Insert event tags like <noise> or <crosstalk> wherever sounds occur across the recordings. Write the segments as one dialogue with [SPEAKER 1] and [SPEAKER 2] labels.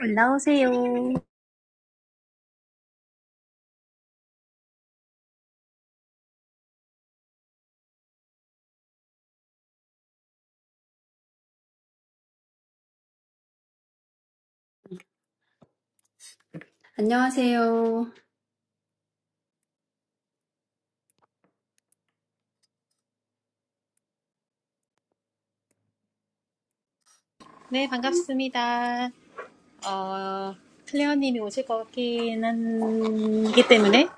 [SPEAKER 1] 올라오세요.
[SPEAKER 2] 안녕하세요.
[SPEAKER 1] 네, 반갑습니다. 어, 클레어님이 오실 것 같긴 한기 때문에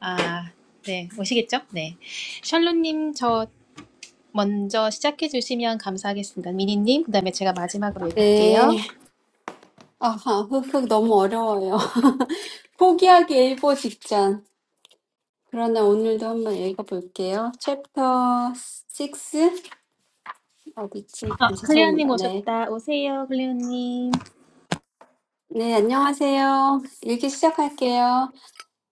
[SPEAKER 1] 아, 네, 오시겠죠? 네, 샬롯님 저 먼저 시작해 주시면 감사하겠습니다. 미니님, 그다음에 제가 마지막으로
[SPEAKER 2] 네.
[SPEAKER 1] 읽을게요.
[SPEAKER 2] 아, 흑흑, 너무 어려워요. <laughs> 포기하기 일보 직전. 그러나 오늘도 한번 읽어볼게요. Chapter six, Obit.
[SPEAKER 1] 아, 클레어님
[SPEAKER 2] 안녕하십니까? 네.
[SPEAKER 1] 오셨다. 오세요, 클레어님.
[SPEAKER 2] 네, 안녕하세요. 읽기 시작할게요.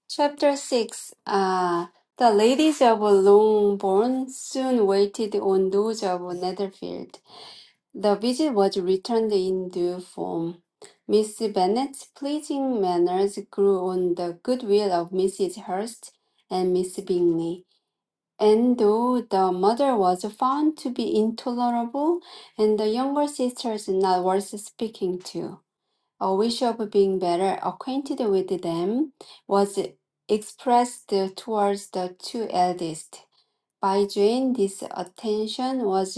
[SPEAKER 2] Chapter six. Ah, the ladies of Longbourn soon waited on those of Netherfield. The visit was returned in due form. Miss Bennet's pleasing manners grew on the goodwill of Mrs. Hurst and Miss Bingley, and though the mother was found to be intolerable, and the younger sisters not worth speaking to, a wish of being better acquainted with them was expressed towards the two eldest. By Jane, this attention was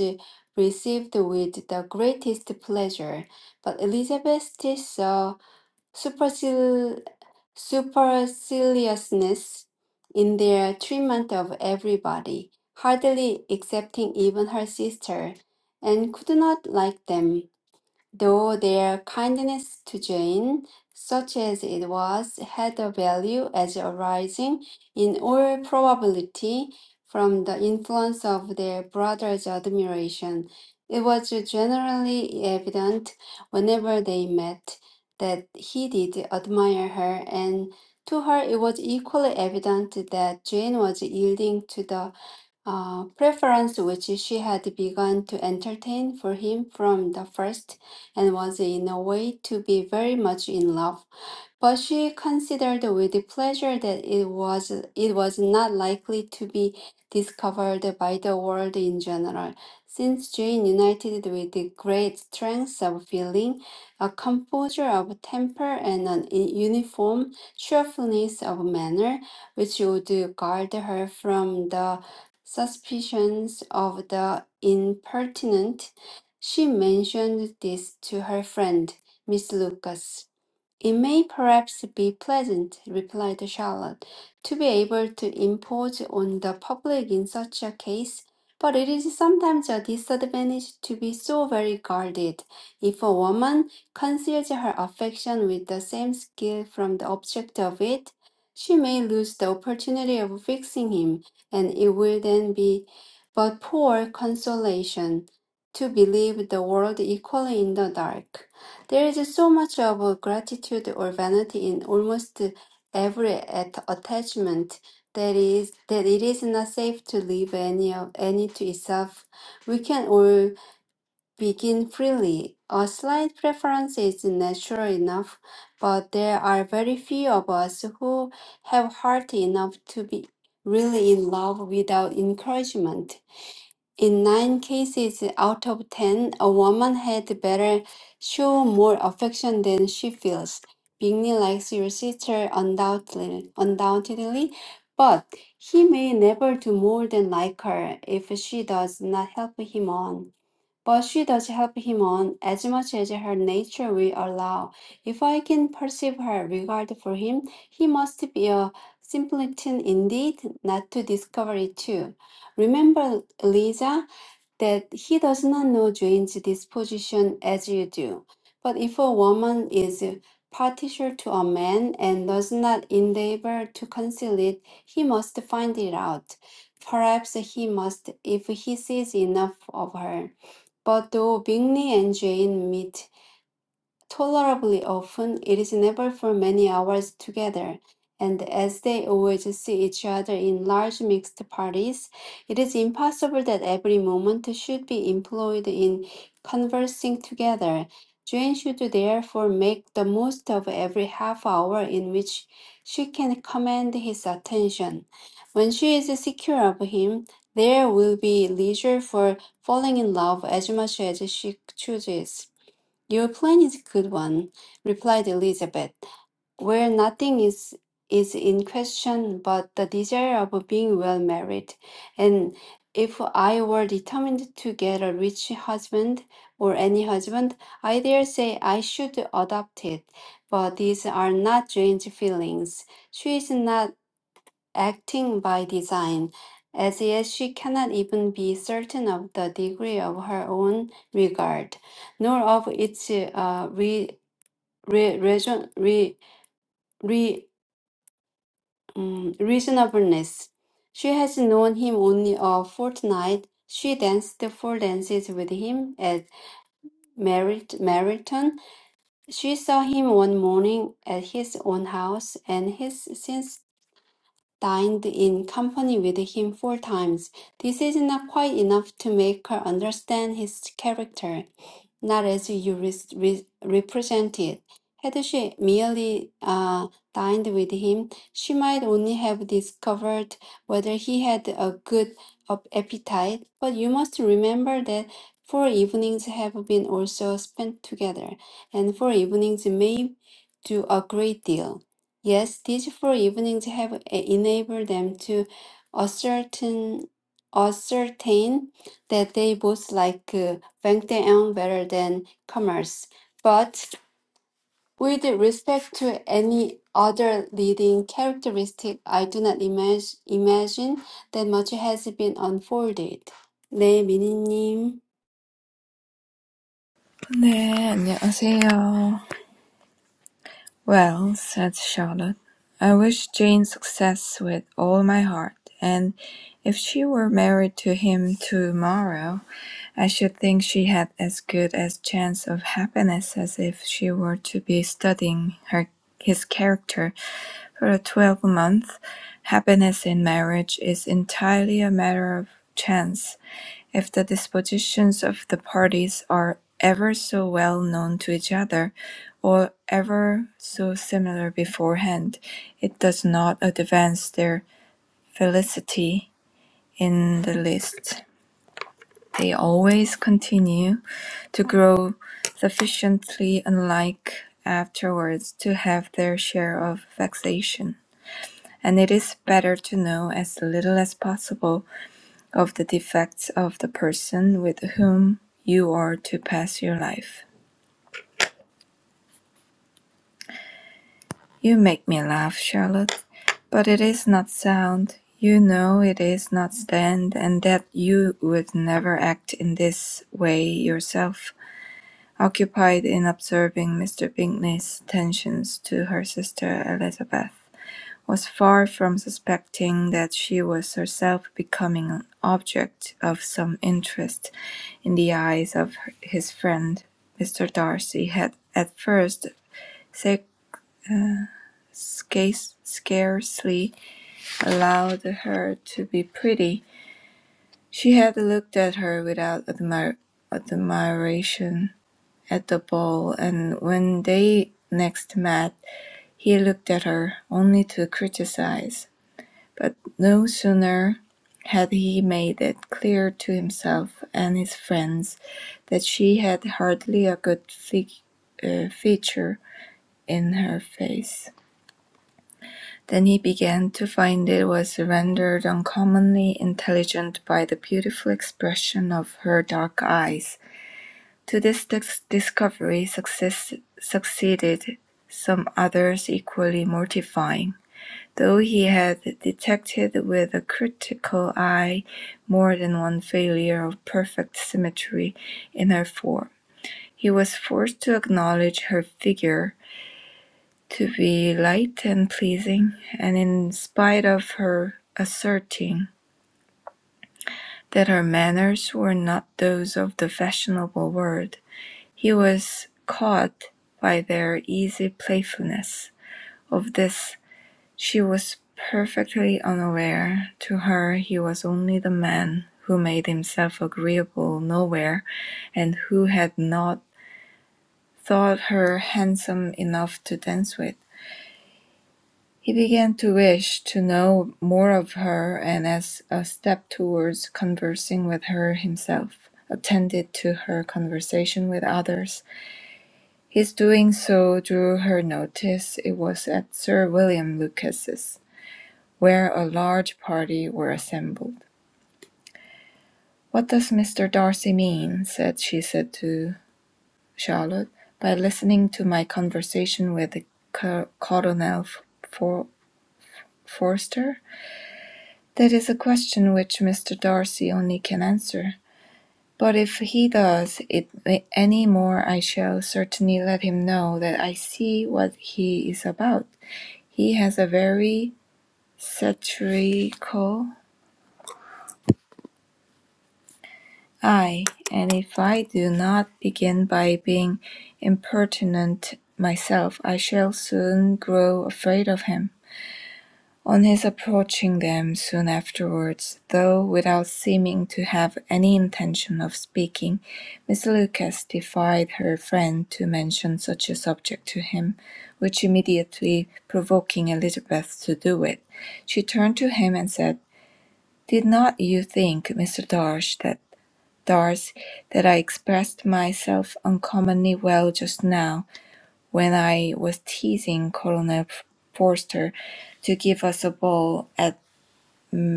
[SPEAKER 2] received with the greatest pleasure, but Elizabeth still saw supercil- superciliousness in their treatment of everybody, hardly excepting even her sister, and could not like them though their kindness to Jane, such as it was, had a value as arising, in all probability, from the influence of their brother's admiration. It was generally evident, whenever they met, that he did admire her, and to her it was equally evident that Jane was yielding to the uh, preference which she had begun to entertain for him from the first, and was in a way to be very much in love. But she considered with pleasure that it was it was not likely to be discovered by the world in general, since Jane, united with the great strength of feeling, a composure of temper, and an i- uniform cheerfulness of manner, which would guard her from the suspicions of the impertinent, she mentioned this to her friend, Miss Lucas. It may perhaps be pleasant, replied Charlotte, to be able to impose on the public in such a case, but it is sometimes a disadvantage to be so very guarded. If a woman conceals her affection with the same skill from the object of it, she may lose the opportunity of fixing him, and it will then be but poor consolation to believe the world equally in the dark. There is so much of uh, gratitude or vanity in almost every at- attachment that is that it is not safe to leave any of any to itself. We can all begin freely. A slight preference is natural enough, but there are very few of us who have heart enough to be really in love without encouragement. In nine cases out of ten, a woman had better show more affection than she feels. Bingley likes your sister undoubtedly, undoubtedly, but he may never do more than like her if she does not help him on. But she does help him on as much as her nature will allow. If I can perceive her regard for him, he must be a simpleton indeed not to discover it too. Remember, Eliza that he does not know Jane's disposition as you do. But if a woman is partial to a man and does not endeavor to conceal it, he must find it out. Perhaps he must if he sees enough of her. But though Bingley and Jane meet Tolerably often, it is never for many hours together, and as they always see each other in large mixed parties, it is impossible that every moment should be employed in conversing together. Jane should therefore make the most of every half hour in which she can command his attention. When she is secure of him, there will be leisure for falling in love as much as she chooses. Your plan is a good one, replied Elizabeth, where nothing is, is in question but the desire of being well married. And if I were determined to get a rich husband or any husband, I dare say I should adopt it. But these are not Jane's feelings. She is not acting by design, as yet she cannot even be certain of the degree of her own regard, nor of its uh, re, re, reason, re, re, um, reasonableness. She has known him only a fortnight. She danced four dances with him at Merit- Meryton. She saw him one morning at his own house, and has since dined in company with him four times. This is not quite enough to make her understand his character, not as you re- re- represent it. Had she merely uh, dined with him, she might only have discovered whether he had a good ap- appetite, but you must remember that four evenings have been also spent together, and four evenings may do a great deal. Yes, these four evenings have e- enabled them to ascertain, ascertain that they both like uh, Bangtaeyeon better than commerce. But with respect to any other leading characteristic, I do not imag- imagine that much has been unfolded. 네, 미니님.
[SPEAKER 3] 네, 안녕하세요. Well, said Charlotte, I wish Jane success with all my heart, and if she were married to him tomorrow, I should think she had as good a chance of happiness as if she were to be studying her his character for a twelvemonth. Happiness in marriage is entirely a matter of chance. If the dispositions of the parties are ever so well known to each other, or ever so similar beforehand, it does not advance their felicity in the least. They always continue to grow sufficiently unlike afterwards to have their share of vexation. And it is better to know as little as possible of the defects of the person with whom you are to pass your life. You make me laugh, Charlotte, but it is not sound. You know it is not stand, and that you would never act in this way yourself. Occupied in observing Mr. Bingley's attentions to her sister Elizabeth, was far from suspecting that she was herself becoming an object of some interest in the eyes of his friend. Mr. Darcy had at first scarce- scarcely allowed her to be pretty. She had looked at her without admir- admiration at the ball, and when they next met, he looked at her only to criticize. But no sooner had he made it clear to himself and his friends that she had hardly a good fig- uh, feature in her face than he began to find it was rendered uncommonly intelligent by the beautiful expression of her dark eyes. To this dis- discovery success- succeeded some others equally mortifying. Though he had detected with a critical eye more than one failure of perfect symmetry in her form, he was forced to acknowledge her figure to be light and pleasing, and in spite of her asserting that her manners were not those of the fashionable world, he was caught by their easy playfulness. Of this She was perfectly unaware; to her he was only the man who made himself agreeable nowhere, and who had not thought her handsome enough to dance with. He began to wish to know more of her, and as a step towards conversing with her himself attended to her conversation with others, his doing so drew her notice. It was at Sir William Lucas's. where a large party were assembled. "What does Mr. Darcy mean," said she said to Charlotte, "by listening to my conversation with Co- Colonel For- Forster? That is a question which Mr. Darcy only can answer; but if he does it any more I shall certainly let him know that I see what he is about. He has a very satirical Ay, and if I do not begin by being impertinent myself, I shall soon grow afraid of him. On his approaching them soon afterwards, though without seeming to have any intention of speaking, Miss Lucas defied her friend to mention such a subject to him, which immediately provoking Elizabeth to do it, she turned to him and said, Did not you think, Mr. Darch, that Thus, that I expressed myself uncommonly well just now, when I was teasing Colonel Forster to give us a ball at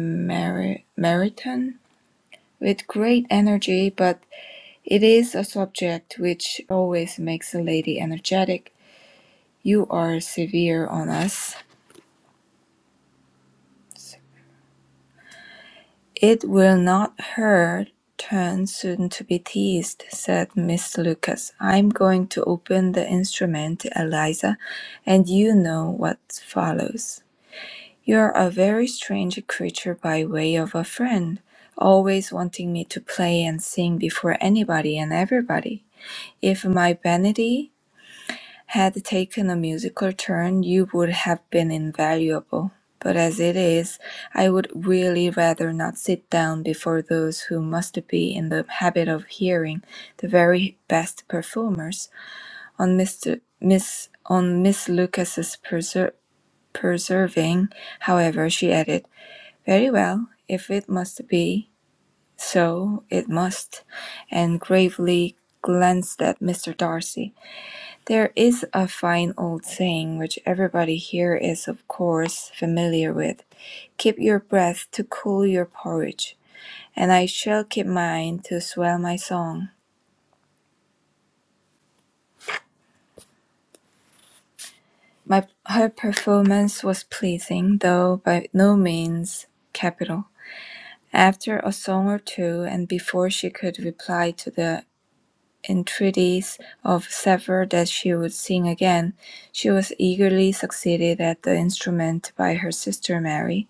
[SPEAKER 3] Mer- Meryton with great energy, but it is a subject which always makes a lady energetic. You are severe on us. "It will not hurt. turn soon to be teased," said Miss Lucas. "I'm going to open the instrument, Eliza, and you know what follows. You're a very strange creature by way of a friend, always wanting me to play and sing before anybody and everybody. If my vanity had taken a musical turn you would have been invaluable, but as it is, I would really rather not sit down before those who must be in the habit of hearing the very best performers on Mr. Miss on Miss Lucas's preser- preserving. However, she added, "Very well, if it must be so, it must," and gravely glanced at Mr. Darcy. There is a fine old saying which everybody here is of course familiar with, "Keep your breath to cool your porridge," and I shall keep mine to swell my song. My her performance was pleasing, though by no means capital. After a song or two, and before she could reply to the entreaties of several that she would sing again, she was eagerly succeeded at the instrument by her sister Mary,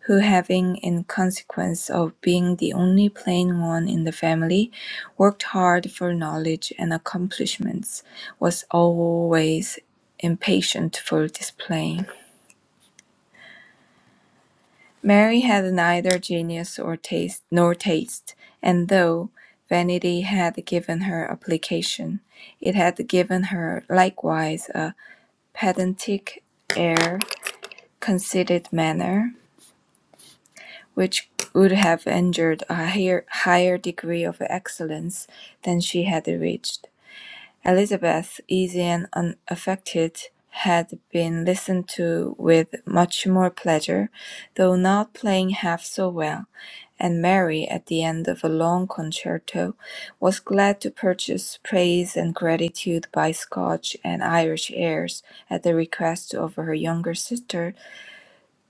[SPEAKER 3] who having, in consequence of being the only plain one in the family, worked hard for knowledge and accomplishments, was always impatient for display. Mary had neither genius or taste nor taste, and though vanity had given her application, it had given her likewise a pedantic air, conceited manner, which would have engendered a higher, higher degree of excellence than she had reached. Elizabeth, easy and unaffected, had been listened to with much more pleasure, though not playing half so well, and Mary, at the end of a long concerto, was glad to purchase praise and gratitude by Scotch and Irish airs at the request of her younger sister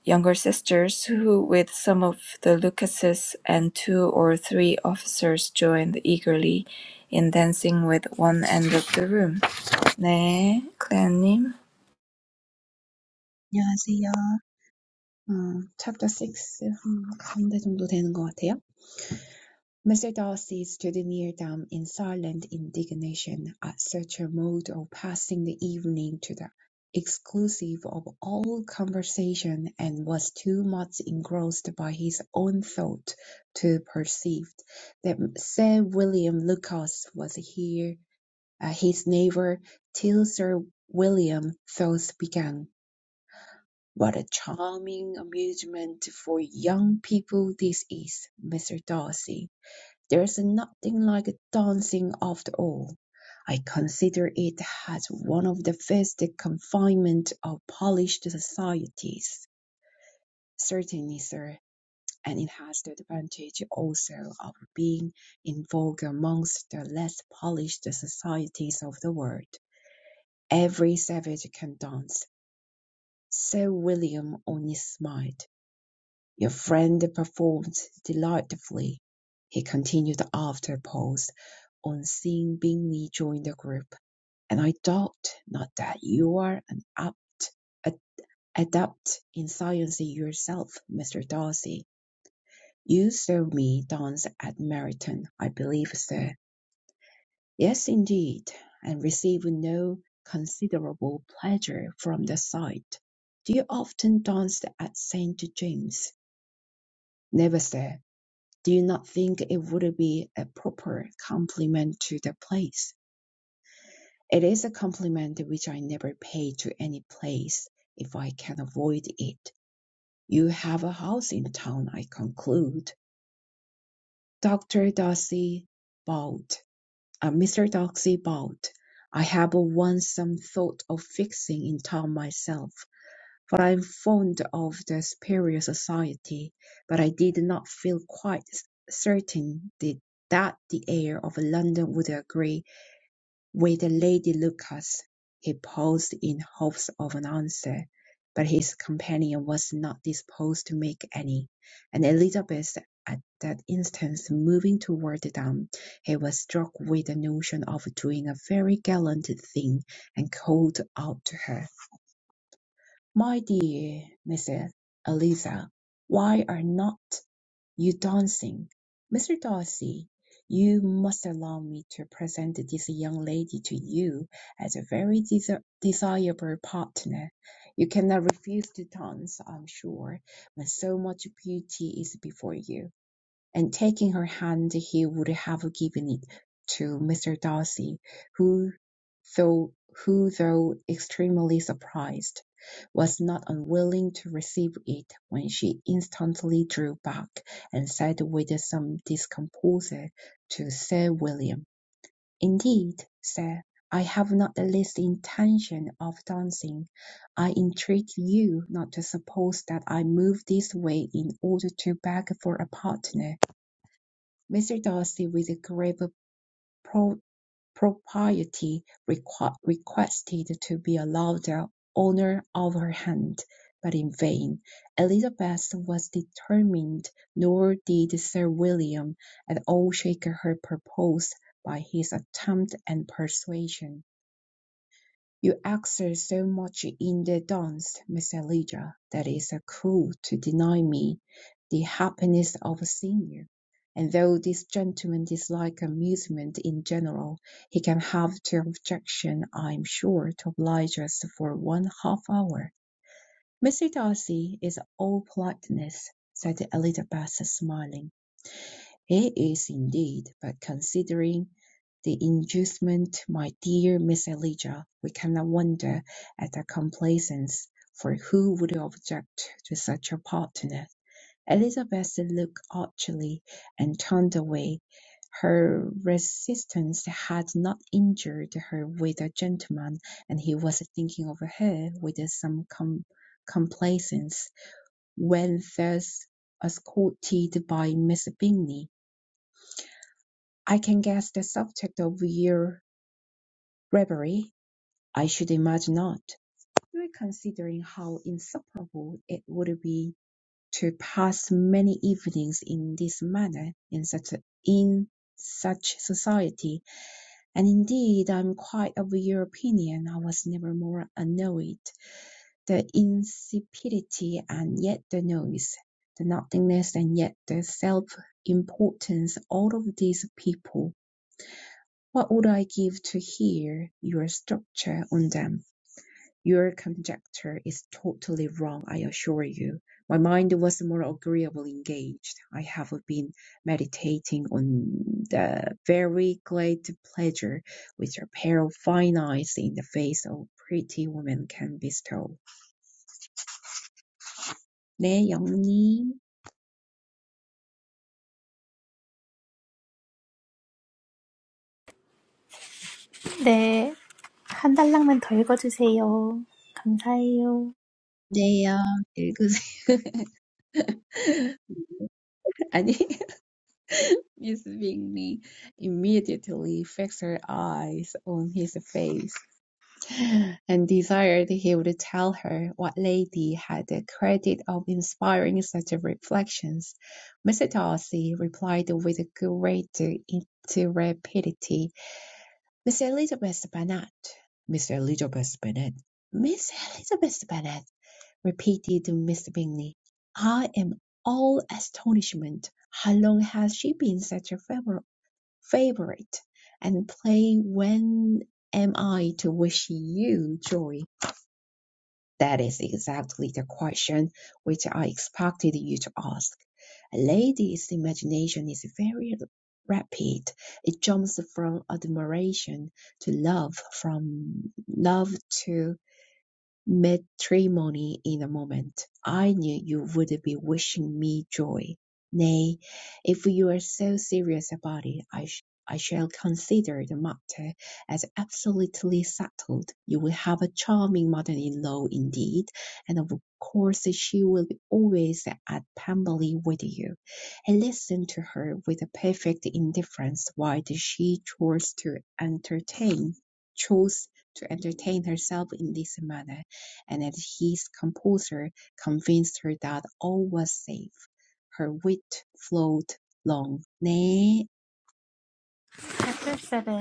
[SPEAKER 3] younger sisters, who with some of the Lucases and two or three officers joined eagerly in dancing with one end of the room. 네, 클레어님.
[SPEAKER 4] 안녕하세요. 음, chapter 6, 음, 가운데 정도 되는 것 같아요. Mr. Darcy stood near them in silent indignation at such a mode of passing the evening to the exclusive of all conversation and was too much engrossed by his own thought to perceive that Sir William Lucas was here, uh, his neighbour, till Sir William thus began. What a charming amusement for young people this is, Mr. Darcy. There's nothing like dancing after all. I consider it as one of the best confinement of polished societies. Certainly, sir, and it has the advantage also of being in vogue amongst the less polished societies of the world. Every savage can dance. Sir William only smiled. Your friend performed delightfully, he continued after a pause, on seeing Bingley join the group, and I doubt not that you are an apt a- adept in science yourself, Mr. Darcy. You saw me dance at Meryton, I believe, sir. Yes, indeed, and receive no considerable pleasure from the sight. Do you often dance at St. James's? Never, sir. do you not think it would be a proper compliment to the place? It is a compliment which I never pay to any place if I can avoid it. You have a house in town, I conclude. Dr. Darcy bowed. Uh, Mr. Darcy bowed. I have once some thought of fixing in town myself. For I am fond of the superior society, but I did not feel quite certain the- that the air of London would agree with Lady Lucas. He paused in hopes of an answer, but his companion was not disposed to make any, and Elizabeth at that instant moving toward them, he was struck with the notion of doing a very gallant thing and called out to her. My dear Mrs. Eliza, why are not you dancing? Mr. Darcy, you must allow me to present this young lady to you as a very desi- desirable partner. You cannot refuse to dance, I'm sure, when so much beauty is before you and taking her hand, he would have given it to Mr. Darcy, who, though who, though extremely surprised, was not unwilling to receive it when she instantly drew back and said with some discomposure to Sir William, Indeed, sir, I have not the least intention of dancing. I entreat you not to suppose that I move this way in order to beg for a partner. Mr. Darcy, with a grave pro- propriety, requ- requested to be allowed the honour of her hand, but in vain. Elizabeth was determined, nor did Sir William at all shake her purpose by his attempt and persuasion. You excel so much in the dance, Miss Elijah, that it's a cruel to deny me the happiness of seeing you. And though this gentleman dislikes amusement in general, he can have no objection, I am sure, to oblige us for one half hour. Mr. Darcy is all politeness, said Elizabeth, smiling. It is indeed, but considering the inducement, my dear Miss Elijah, we cannot wonder at her complaisance, for who would object to such a partner? Elizabeth looked archly and turned away. Her resistance had not injured her with a gentleman, and he was thinking of her with some com- complaisance when thus escorted by Miss Bingley. I can guess the subject of your reverie. I should imagine not, still considering how insufferable it would be to pass many evenings in this manner in such a, in such society. And indeed, I am quite of your opinion. I was never more annoyed. The insipidity and yet the noise, the nothingness and yet the self importance, all of these people What would I give to hear your structure on them? Your conjecture is totally wrong, I assure you. My mind was more agreeably engaged. I have been meditating on the very great pleasure which a pair of fine eyes in the face of pretty woman can bestow. 네, 영님.
[SPEAKER 1] 네, 한 달락만 더 읽어주세요. 감사해요.
[SPEAKER 4] 네요. 읽으세요. <laughs> 아니, <laughs> Miss Bingley immediately fixed her eyes on his face, and desired he would tell her what lady had the credit of inspiring such reflections. Mr. Darcy replied with great intrepidity, Miss Elizabeth Bennet, Miss Elizabeth Bennet, Miss Elizabeth Bennet, repeated Mr. Bingley. I am all astonishment. How long has she been such a favorite? favorite and play When Am I to Wish You Joy? That is exactly the question which I expected you to ask. A lady's imagination is very rapid. It jumps from admiration to love, from love to matrimony in a moment. I knew you would be wishing me joy. Nay, if you are so serious about it, I, sh- I shall consider the matter as absolutely settled. You will have a charming mother-in-law indeed, and of course she will be always at Pemberley with you. I listened to her with a perfect indifference while she chose to entertain, chose to entertain herself in this manner and that his composure convinced her that all was safe. Her wit flowed long. Nay,
[SPEAKER 1] Chapter 7,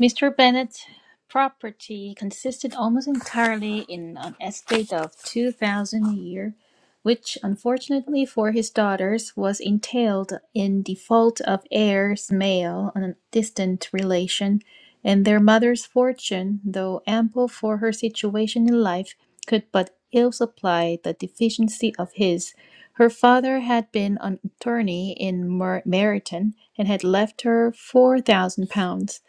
[SPEAKER 1] Mr. Bennett's property consisted almost entirely in an estate of 2000 a year, which unfortunately for his daughters was entailed in default of heirs male on a distant relation, and their mother's fortune, though ample for her situation in life, could but ill supply the deficiency of his her father had been an attorney in Mer- Meryton and had left her £4,000.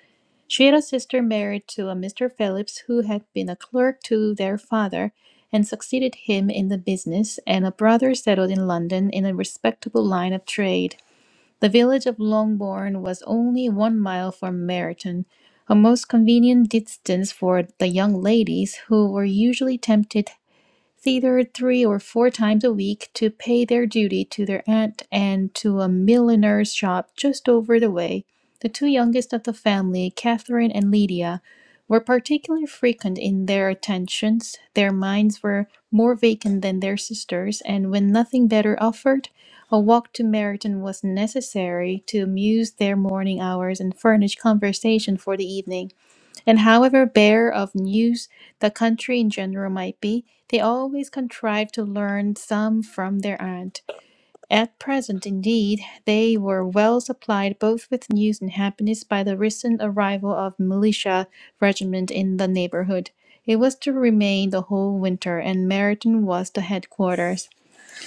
[SPEAKER 1] She had a sister married to a Mr. Phillips who had been a clerk to their father and succeeded him in the business, and a brother settled in London in a respectable line of trade. The village of Longbourn was only one mile from Meryton, a most convenient distance for the young ladies who were usually tempted theater three or four times a week to pay their duty to their aunt and to a milliner's shop just over the way. The two youngest of the family, Catherine and Lydia, were particularly frequent in their attentions. Their minds were more vacant than their sisters, and when nothing better offered, a walk to Meryton was necessary to amuse their morning hours and furnish conversation for the evening. And however bare of news the country in general might be, they always contrived to learn some from their aunt. At present, indeed, they were well supplied both with news and happiness by the recent arrival of militia regiment in the neighborhood. It was to remain the whole winter, and Meryton was the headquarters.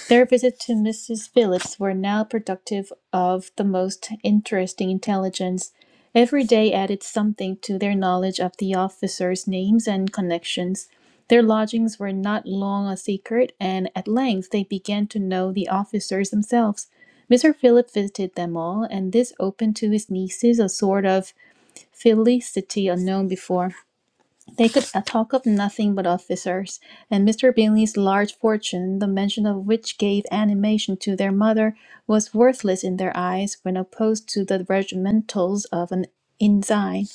[SPEAKER 1] Their visits to Mrs. Phillips were now productive of the most interesting intelligence. Every day added something to their knowledge of the officers' names and connections. Their lodgings were not long a secret, and at length they began to know the officers themselves. Mr. Phillips visited them all, and this opened to his nieces a sort of felicity unknown before. They could talk of nothing but officers, and Mr. Bingley's large fortune, the mention of which gave animation to their mother, was worthless in their eyes when opposed to the regimentals of an ensign.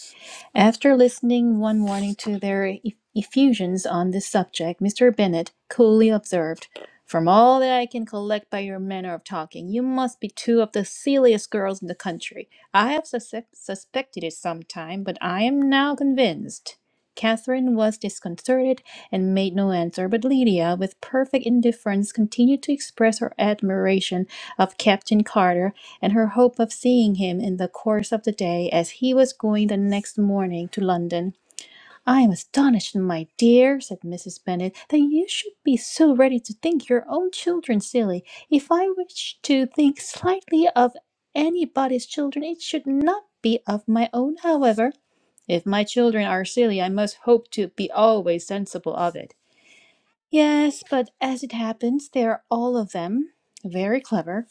[SPEAKER 1] After listening one morning to their eff- effusions on this subject, Mr. Bennet coolly observed, "From all that I can collect by your manner of talking, you must be two of the silliest girls in the country. I have sus- suspected it some time, but I am now convinced." Catherine was disconcerted and made no answer, but Lydia, with perfect indifference, continued to express her admiration of Captain Carter and her hope of seeing him in the course of the day as he was going the next morning to London. I am astonished, my dear, said Mrs. Bennet, that you should be so ready to think your own children silly. If I wish to think slightly of anybody's children, it should not be of my own, however. If my children are silly, I must hope to be always sensible of it. Yes, but as it happens, they are all of them very clever.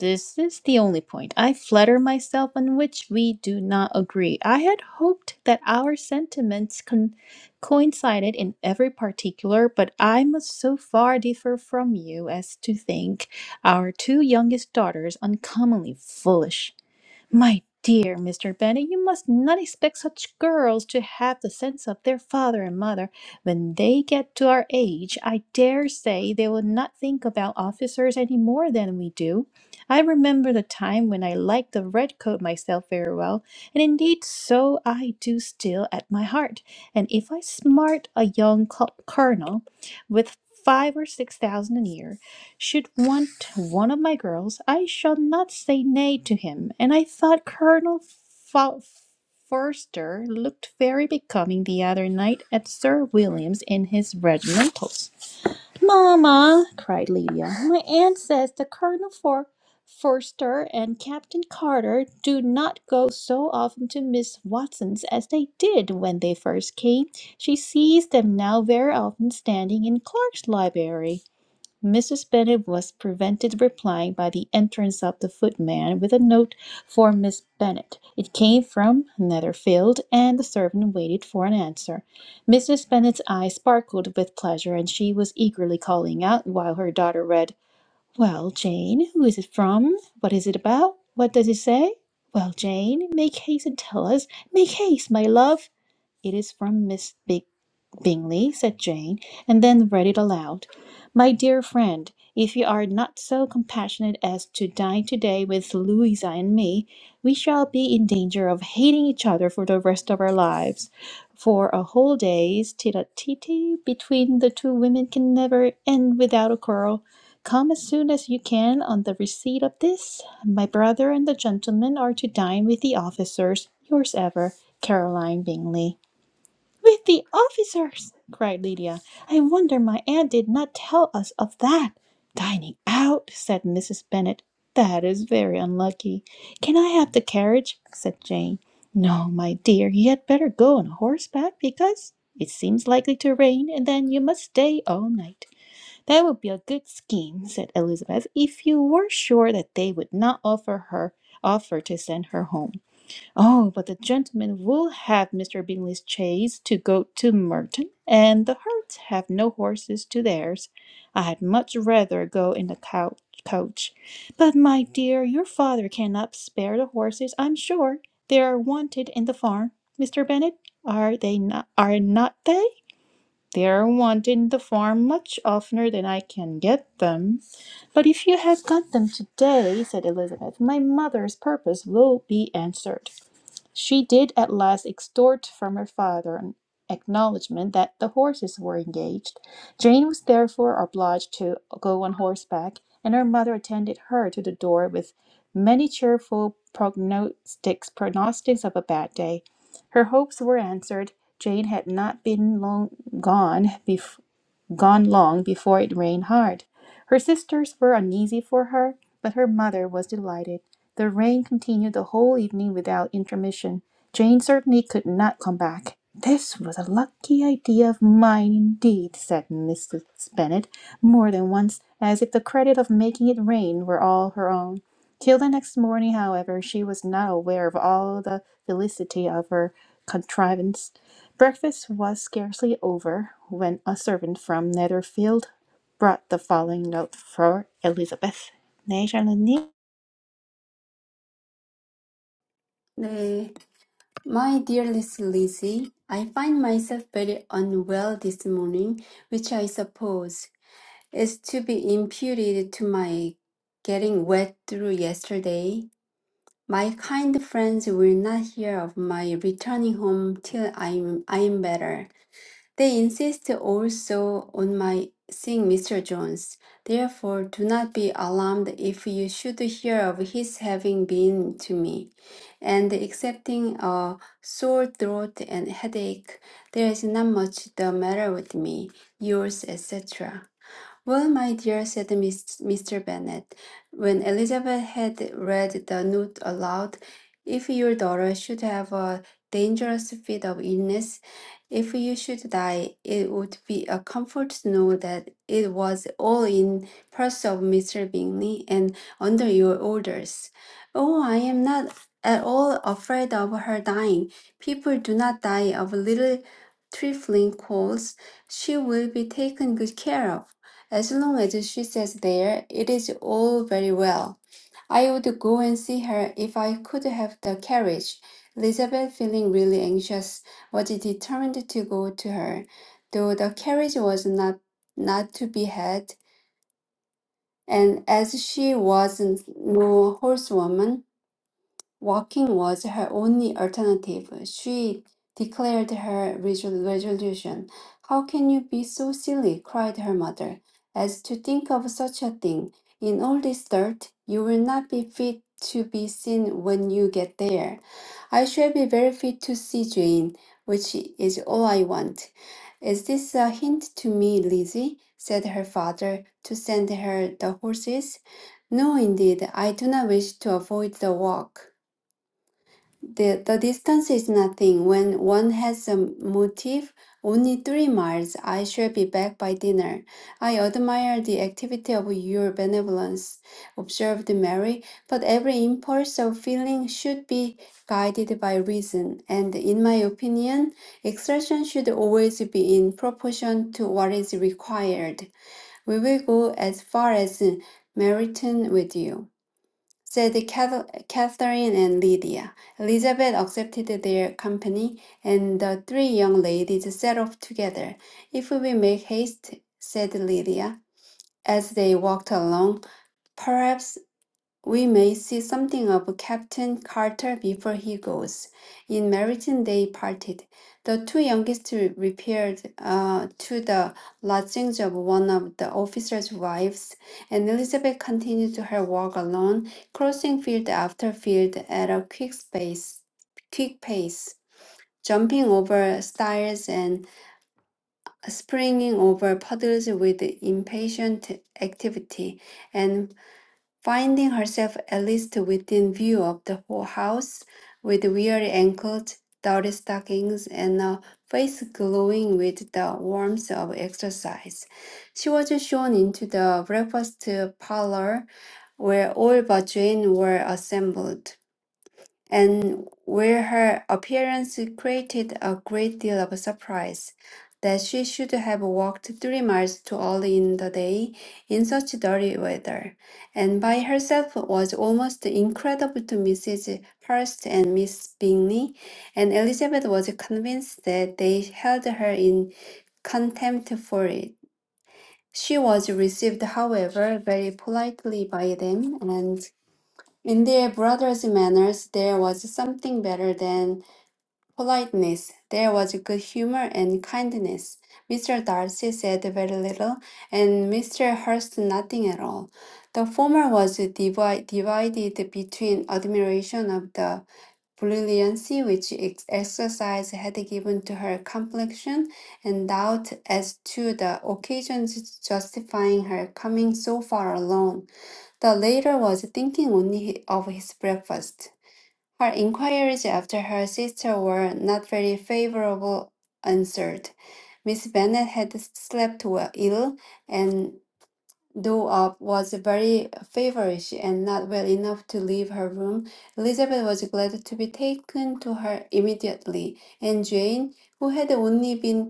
[SPEAKER 1] This is the only point, I flatter myself, on which we do not agree. I had hoped that our sentiments con- coincided in every particular, but I must so far differ from you as to think our two youngest daughters uncommonly foolish. My dear Mr. Bennet, you must not expect such girls to have the sense of their father and mother. When they get to our age, I dare say they will not think about officers any more than we do. I remember the time when I liked the red coat myself very well, and indeed so I do still at my heart. And if I smart a young col- colonel with five or six thousand a year, should want one of my girls, I shall not say nay to him. And I thought Colonel Fo- Forster looked very becoming the other night at Sir William's in his regimentals. Mamma, cried Lydia, my aunt says the Colonel For- Forster and Captain Carter do not go so often to Miss Watson's as they did when they first came. She sees them now very often standing in Clark's library. Mrs. Bennet was prevented replying by the entrance of the footman with a note for Miss Bennet. It came from Netherfield, and the servant waited for an answer. Mrs. Bennet's eyes sparkled with pleasure, and she was eagerly calling out while her daughter read, "Well, Jane, who is it from? What is it about? What does it say? Well, Jane, make haste and tell us. Make haste, my love. It is from Miss Bigwig. Bingley, said Jane, and then read it aloud. My dear friend, if you are not so compassionate as to dine today with Louisa and me, we shall be in danger of hating each other for the rest of our lives. For a whole day's tete-a-tete between the two women can never end without a quarrel. Come as soon as you can on the receipt of this. My brother and the gentleman are to dine with the officers. Yours ever, Caroline Bingley. With the officers! cried Lydia. I wonder my aunt did not tell us of that. Dining out, said Mrs. Bennet. That is very unlucky. Can I have the carriage? said Jane. No, my dear, you had better go on horseback because it seems likely to rain, and then you must stay all night. That would be a good scheme, said Elizabeth, if you were sure that they would not offer her offer to send her home. Oh, but the gentleman will have Mr. Bingley's chaise to go to Merton, and the Herts have no horses to theirs. I had much rather go in the couch, coach. But, my dear, your father cannot spare the horses, I'm sure. They are wanted in the farm. Mr. Bennet, are they not? Are not they? They are wanted in the farm much oftener than I can get them. But if you have got them today, said Elizabeth, my mother's purpose will be answered. She did at last extort from her father an acknowledgment that the horses were engaged. Jane was therefore obliged to go on horseback, and her mother attended her to the door with many cheerful prognostics, pronostics of a bad day. Her hopes were answered. Jane had not been long gone gone long before it rained hard. Her sisters were uneasy for her, but her mother was delighted. The rain continued the whole evening without intermission. Jane certainly could not come back. This was a lucky idea of mine indeed, said Mrs. Bennet more than once, as if the credit of making it rain were all her own. Till the next morning, however, she was not aware of all the felicity of her contrivance. Breakfast was scarcely over when a servant from Netherfield brought the following note for Elizabeth. 네, 샬롯님.
[SPEAKER 2] 네, my dear Miss Lizzie, I find myself very unwell this morning, which I suppose. is to be imputed to my getting wet through yesterday. My kind friends will not hear of my returning home till I'm I'm better. They insist also on my seeing Mr. Jones. Therefore, do not be alarmed if you should hear of his having been to me, and excepting a sore throat and headache, there is not much the matter with me. Yours, etc. Well, my dear, said Miss- Mr. Bennet, when Elizabeth had read the note aloud, if your daughter should have a dangerous fit of illness, if you should die, it would be a comfort to know that it was all in purse of Mr. Bingley and under your orders. Oh, I am not at all afraid of her dying. People do not die of little trifling colds. She will be taken good care of. As long as she says there, it is all very well. I would go and see her if I could have the carriage. Elizabeth, feeling really anxious, was determined to go to her, though the carriage was not not to be had, and as she was no horsewoman, Walking was her only alternative. She declared her resol- resolution. How can you be so silly? cried her mother, as to think of such a thing. In all this dirt, you will not be fit to be seen when you get there. I shall be very fit to see Jane, which is all I want. Is this a hint to me, Lizzie? said her father, to send her the horses? No, indeed, I do not wish to avoid the walk. The, the distance is nothing. When one has a motive, only three miles, I shall be back by dinner. I admire the activity of your benevolence, observed Mary, but every impulse of feeling should be guided by reason, and in my opinion, exertion should always be in proportion to what is required. We will go as far as Meryton with you said Cath- Catherine and Lydia. Elizabeth accepted their company, and the three young ladies set off together. If we make haste, said Lydia, as they walked along, perhaps we may see something of Captain Carter before he goes. In Meryton they parted. The two youngest repaired uh, to the lodgings of one of the officers' wives, and Elizabeth continued her walk alone, crossing field after field at a quick space, quick pace, jumping over stiles and springing over puddles with impatient activity, and Finding herself at least within view of the whole house, with weary ankles, dirty stockings, and a face glowing with the warmth of exercise, she was shown into the breakfast parlor where all but Jane were assembled and where her appearance created a great deal of surprise, that she should have walked three miles to all in the day in such dirty weather, and by herself was almost incredible to Mrs. Hurst and Miss Bingley, and Elizabeth was convinced that they held her in contempt for it. She was received, however, very politely by them, and in their brother's manners there was something better than politeness. There was good humor and kindness. Mr. Darcy said very little, and Mr. Hurst nothing at all. The former was divi- divided between admiration of the brilliancy which ex- exercise had given to her complexion and doubt as to the occasions justifying her coming so far alone. The latter was thinking only of his breakfast. Her inquiries after her sister were not very favorable answered. Miss Bennet had slept well, ill, and though up was very feverish and not well enough to leave her room, Elizabeth was glad to be taken to her immediately, and Jane, who had only been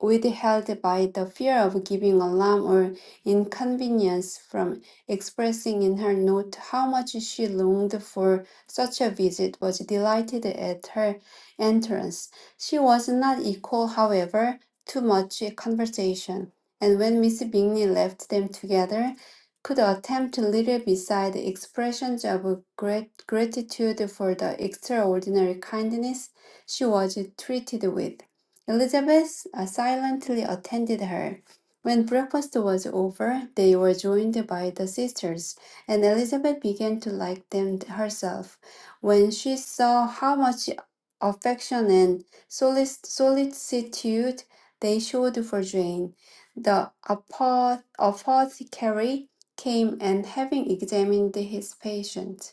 [SPEAKER 2] withheld by the fear of giving alarm or inconvenience from expressing in her note how much she longed for such a visit, was delighted at her entrance. She was not equal, however, to much conversation, and when Miss Bingley left them together, could attempt little beside expressions of grat- gratitude for the extraordinary kindness she was treated with. Elizabeth uh, silently attended her. When breakfast was over, they were joined by the sisters, and Elizabeth began to like them herself. When she saw how much affection and solic- solicitude they showed for Jane, the apothe- apothecary came and, having examined his patient,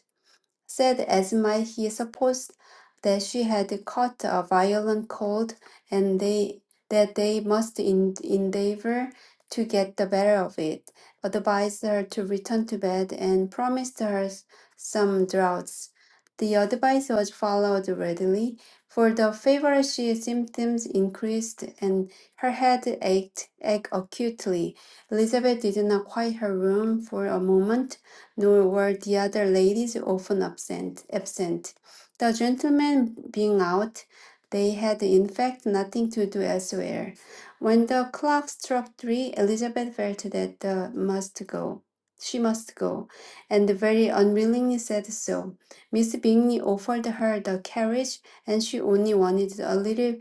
[SPEAKER 2] said Esmai he supposed that she had caught a violent cold and they that they must en- endeavor to get the better of it, advised her to return to bed and promised her s- some draughts. The advice was followed readily, for the feverish symptoms increased and her head ached, ached acutely. Elizabeth did not quiet her room for a moment, nor were the other ladies often absent. absent. The gentlemen being out, they had in fact nothing to do elsewhere. When the clock struck three, Elizabeth felt that the must go. She must go, and very unwillingly said so. Miss Bingley offered her the carriage, and she only wanted a little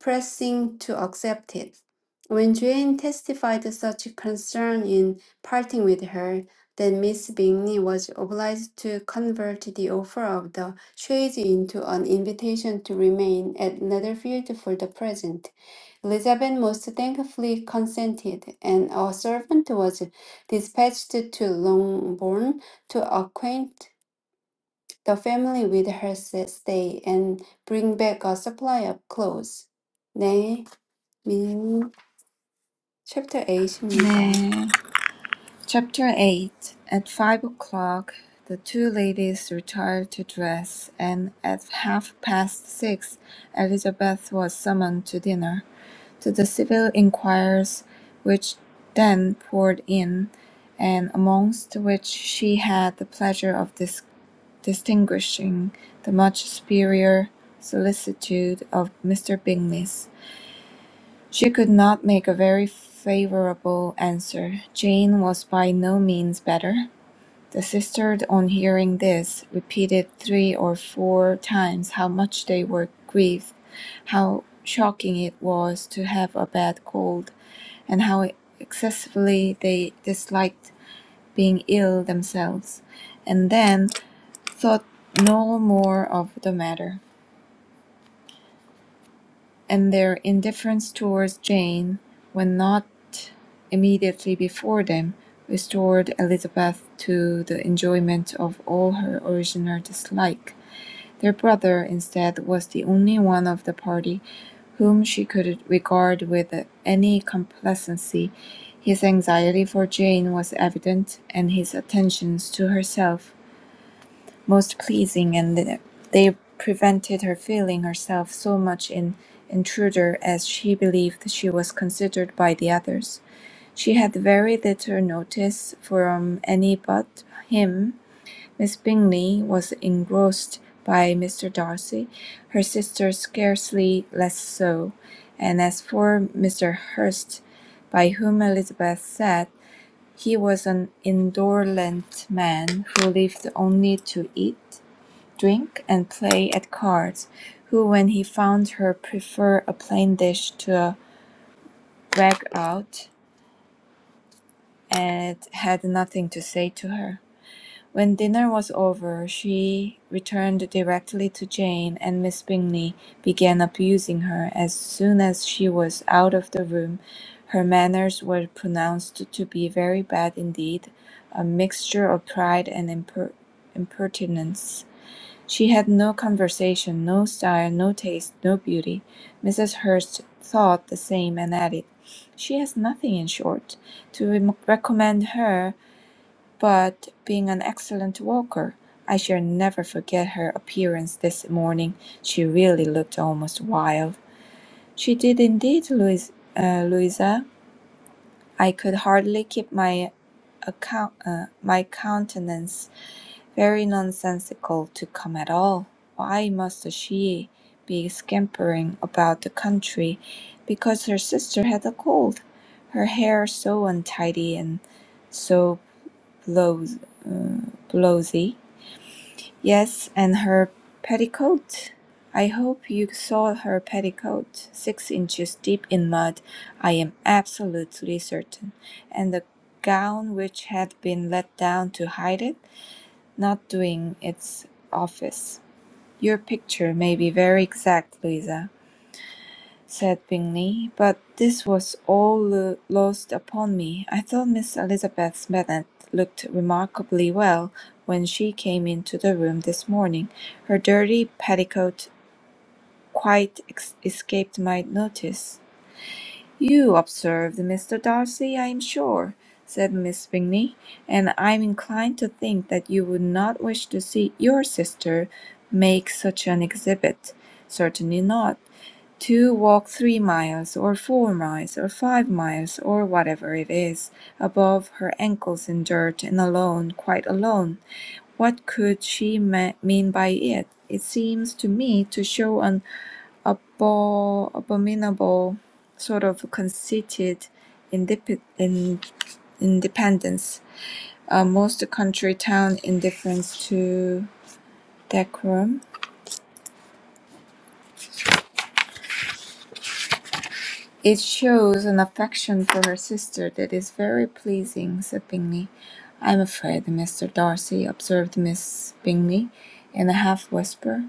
[SPEAKER 2] pressing to accept it. When Jane testified such concern in parting with her, then Miss Bingley was obliged to convert the offer of the chaise into an invitation to remain at Netherfield for the present. Elizabeth most thankfully consented, and a servant was dispatched to Longbourn to acquaint the family with her s- stay and bring back a supply of clothes. 네. 민, 챕터 8입니다.
[SPEAKER 3] 네. Chapter 8 At five o'clock, the two ladies retired to dress, and at half past six, Elizabeth was summoned to dinner. To the civil inquirers, which then poured in, and amongst which she had the pleasure of dis- distinguishing the much superior solicitude of Mr. Bingley's. She could not make a very favourable answer. Jane was by no means better. The sisters, on hearing this, repeated three or four times how much they were grieved, how shocking it was to have a bad cold, and how excessively they disliked being ill themselves, and then thought no more of the matter. and their indifference towards Jane when not immediately before them restored Elizabeth to the enjoyment of all her original dislike. Their brother, instead, was the only one of the party whom she could regard with any complacency. His anxiety for Jane was evident, and his attentions to herself most pleasing, and they prevented her feeling herself so much an intruder as she believed she was considered by the others. She had very little notice from any but him. Miss Bingley was engrossed by Mr. Darcy, her sister scarcely less so, and as for Mr. Hurst, by whom Elizabeth sat, he was an indolent man who lived only to eat drink and play at cards, who when he found her preferred a plain dish to a rag out and had nothing to say to her. When dinner was over, she returned directly to Jane, and Miss Bingley began abusing her as soon as she was out of the room. Her manners were pronounced to be very bad indeed, a mixture of pride and imper- impertinence. She had no conversation, no style, no taste, no beauty. Mrs. Hurst thought the same and added, She has nothing, in short, to re- recommend her but being an excellent walker. I shall never forget her appearance this morning. She really looked almost wild. She did indeed, Louis- uh, Louisa. I could hardly keep my account, uh, my countenance very nonsensical to come at all. Why must she be scampering about the country because her sister had a cold? Her hair so untidy and so blows, uh, blowsy. Yes, and her petticoat. I hope you saw her petticoat, six inches deep in mud, I am absolutely certain, and the gown which had been let down to hide it not doing its office. "Your picture may be very exact, Louisa," said Bingley, "but this was all lo- lost upon me. I thought Miss Elizabeth Bennet looked remarkably well when she came into the room this morning. Her dirty petticoat quite ex- escaped my notice." "You observed Mr. Darcy, I am sure," said Miss Bingley, "and I am inclined to think that you would not wish to see your sister make such an exhibit. Certainly not. To walk three miles, or four miles, or five miles, or whatever it is, above her ankles in dirt, and alone, quite alone! What could she ma- mean by it? It seems to me to show an abo- abominable sort of conceited indep- in- independence, uh, most country town indifference to decorum. It shows an affection for her sister that is very pleasing, said Bingley. I'm afraid, Mr. Darcy, observed Miss Bingley in a half whisper.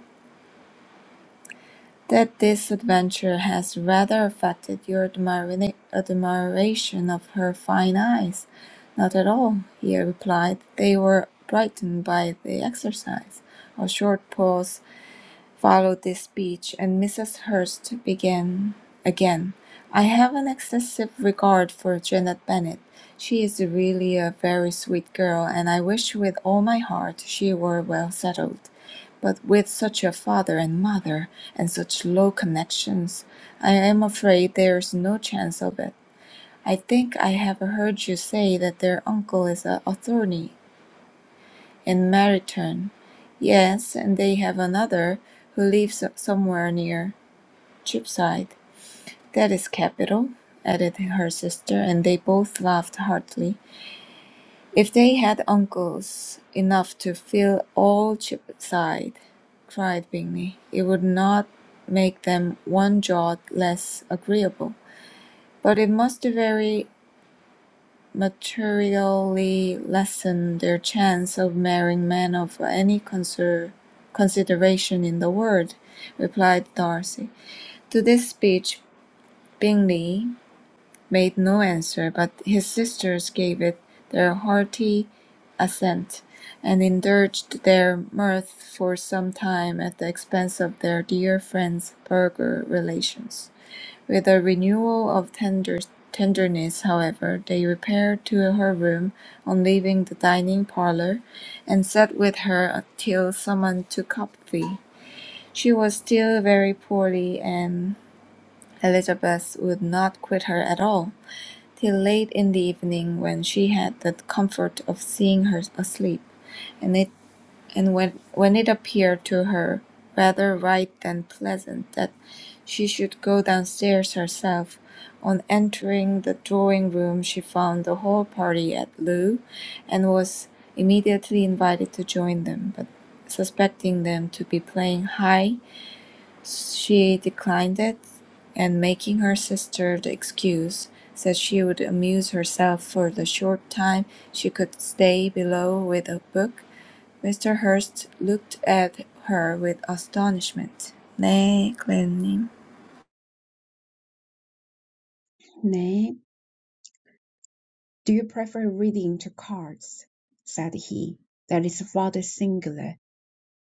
[SPEAKER 3] that this adventure has rather affected your admira- admiration of her fine eyes. Not at all, he replied. They were brightened by the exercise. A short pause Followed this speech, and Mrs. Hurst began again. I have an excessive regard for Janet Bennet. She is really a very sweet girl, and I wish with all my heart she were well settled. But with such a father and mother, and such low connections, I am afraid there is no chance of it. I think I have heard you say that their uncle is an attorney in Meryton. Yes, and they have another who lives so, somewhere near Cheapside. That is capital, added her sister, and they both laughed heartily. If they had uncles enough to fill all Cheapside, cried Bingley, it would not make them one jot less agreeable. But it must vary materially lessen their chance of marrying men of any conser- consideration in the world, replied Darcy. To this speech, Bingley made no answer, but his sisters gave it their hearty assent, and indulged their mirth for some time at the expense of their dear friend's burgher relations. With a renewal of tender tenderness, however, they repaired to her room on leaving the dining parlour, and sat with her till summoned to coffee. She was still very poorly, and Elizabeth would not quit her at all, till late in the evening, when she had the comfort of seeing her asleep, and it and when, when it appeared to her rather right than pleasant that she should go downstairs herself, on entering the drawing-room she found the whole party at loo, and was immediately invited to join them, but suspecting them to be playing high, she declined it, and making her sister the excuse, said she would amuse herself for the short time she could stay below with a book. Mr. Hurst looked at her with astonishment. 네, 클레어님.
[SPEAKER 4] nay, do you prefer reading to cards? said he. That is rather singular.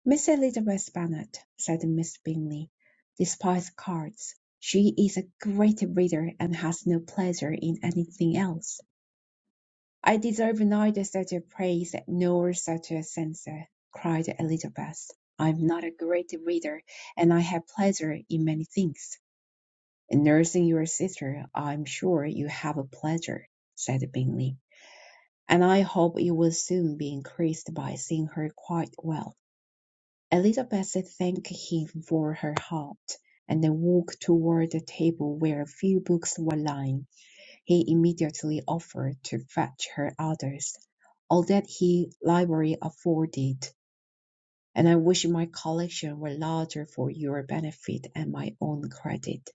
[SPEAKER 4] Miss Elizabeth Bennet, said Miss Bingley, despises cards. She is a great reader and has no pleasure in anything else. "I deserve neither such a praise nor such a censure," cried Elizabeth. "I am not a great reader, and I have pleasure in many things." "In nursing your sister I am sure you have a pleasure," said Bingley, "and I hope it will soon be increased by seeing her quite well." Elizabeth thanked him for her help, and they walked toward the table where a few books were lying. He immediately offered to fetch her others, all that he library afforded, and I wish my collection were larger for your benefit and my own credit.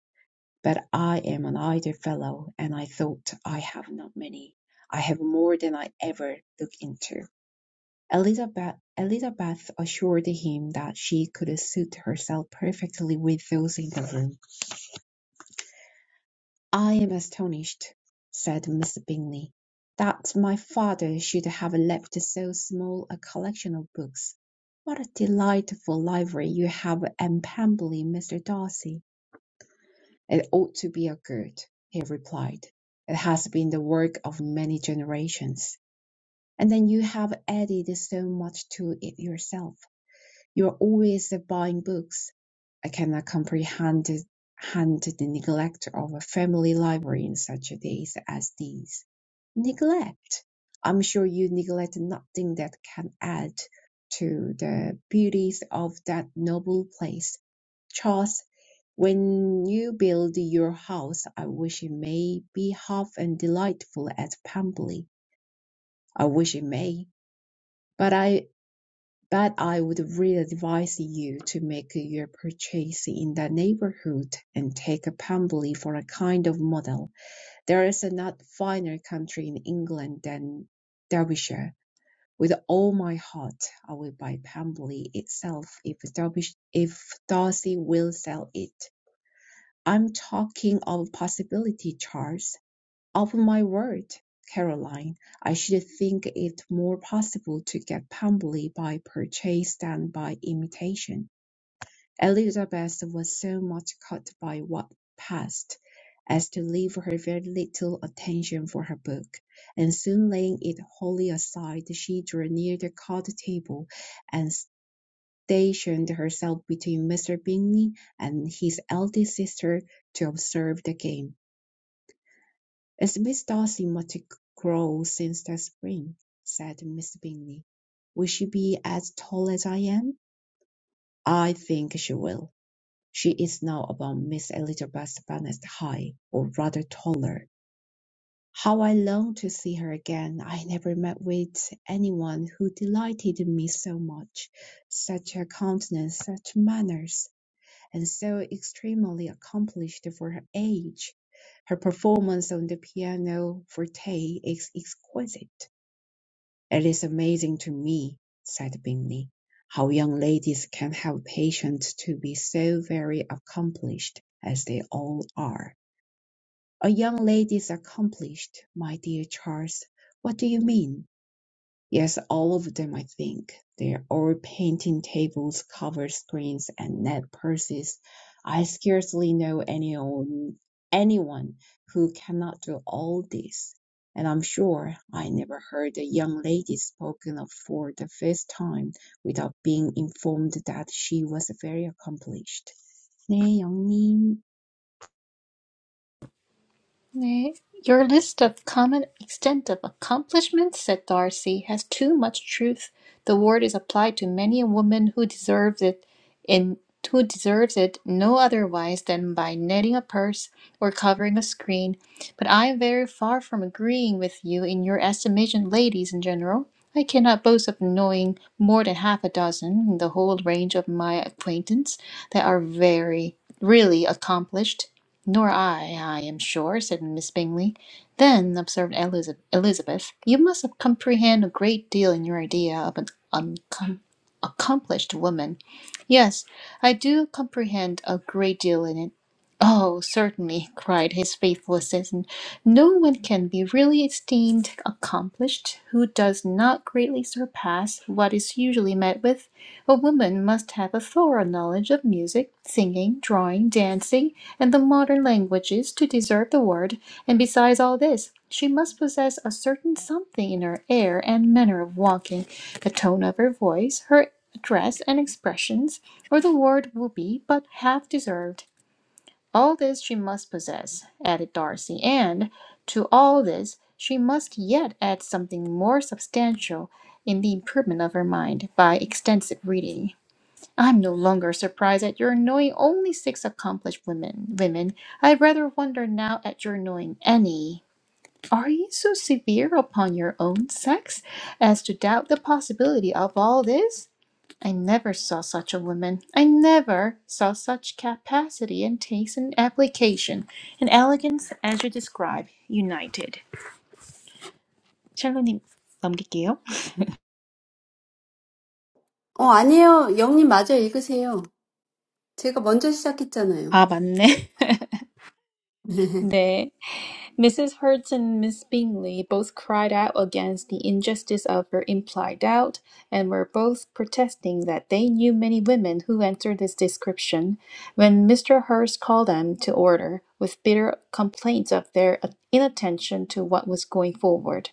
[SPEAKER 4] But I am an idle fellow, and I thought I have not many. I have more than I ever look into. Elizabeth, Elizabeth assured him that she could suit herself perfectly with those in the room. "I am astonished," said Mr. Bingley, "that my father should have left so small a collection of books. What a delightful library you have at Pemberley, Mr. Darcy!" "It ought to be a good," he replied. "It has been the work of many generations, and then you have added so much to it yourself. You are always buying books. I cannot comprehend the neglect of a family library in such days as these. Neglect! I'm sure you neglect nothing that can add to the beauties of that noble place. Charles, when you build your house, I wish it may be half as delightful as Pemberley. I wish it may. But I but I would really advise you to make your purchase in that neighborhood and take Pembrey for a kind of model. There is a not finer country in England than Derbyshire. With all my heart, I will buy Pembrey itself if Derbysh- if Darcy will sell it. I'm talking of possibility, Charles. Upon my word, Caroline, I should think it more possible to get Pemberley by purchase than by imitation. Elizabeth was so much caught by what passed as to leave her very little attention for her book, and soon laying it wholly aside, she drew near the card table and stationed herself between Mr. Bingley and his eldest sister to observe the game. It's Miss Darcy must grow since that spring, said Miss Bingley. Will she be as tall as I am? I think she will. She is now about Miss Elizabeth Bennet's height, or rather taller. How I long to see her again! I never met with anyone who delighted me so much. Such a countenance, such manners! and so extremely accomplished for her age. Her performance on the piano forte is exquisite. It is amazing to me, said Bingley, how young ladies can have patience to be so very accomplished as they all are. A young lady's accomplished, my dear Charles. What do you mean? Yes, all of them, I think. They're all painting tables, covered screens, and net purses. I scarcely know any anyone, anyone who cannot do all this. And I'm sure I never heard a young lady spoken of for the first time without being informed that she was very accomplished. 네, 영님.
[SPEAKER 1] Nay, your list of common extent of accomplishments, said Darcy, has too much truth. The word is applied to many a woman who deserves it in who deserves it no otherwise than by netting a purse or covering a screen. But I am very far from agreeing with you in your estimation, ladies in general. I cannot boast of knowing more than half a dozen in the whole range of my acquaintance that are very really accomplished "Nor I, I am sure," said Miss Bingley. "Then," observed Eliza- Elizabeth, "you must comprehend a great deal in your idea of an uncom- accomplished woman." "Yes, I do comprehend a great deal in it." "Oh, certainly," cried his faithful assistant. "No one can be really esteemed accomplished who does not greatly surpass what is usually met with. A woman must have a thorough knowledge of music, singing, drawing, dancing, and the modern languages to deserve the word, and besides all this, she must possess a certain something in her air and manner of walking, the tone of her voice, her dress and expressions, or the word will be but half deserved. All this she must possess, added Darcy, and to all this she must yet add something more substantial in the improvement of her mind by extensive reading. I'm no longer surprised at your knowing only six accomplished women. Women, I rather wonder now at your knowing any. Are you so severe upon your own sex as to doubt the possibility of all this? I never saw such a woman. I never saw such capacity and taste and application and elegance as you describe united. 샬로님 넘길게요.
[SPEAKER 2] 어, 아니에요. 영님 맞아요 읽으세요. 제가 먼저 시작했잖아요.
[SPEAKER 1] 아 맞네. <laughs>
[SPEAKER 2] <laughs>
[SPEAKER 1] 네. Mrs. Hurst and Miss Bingley both cried out against the injustice of her implied doubt, and were both protesting that they knew many women who answered this description, when Mr. Hurst called them to order, with bitter complaints of their inattention to what was going forward.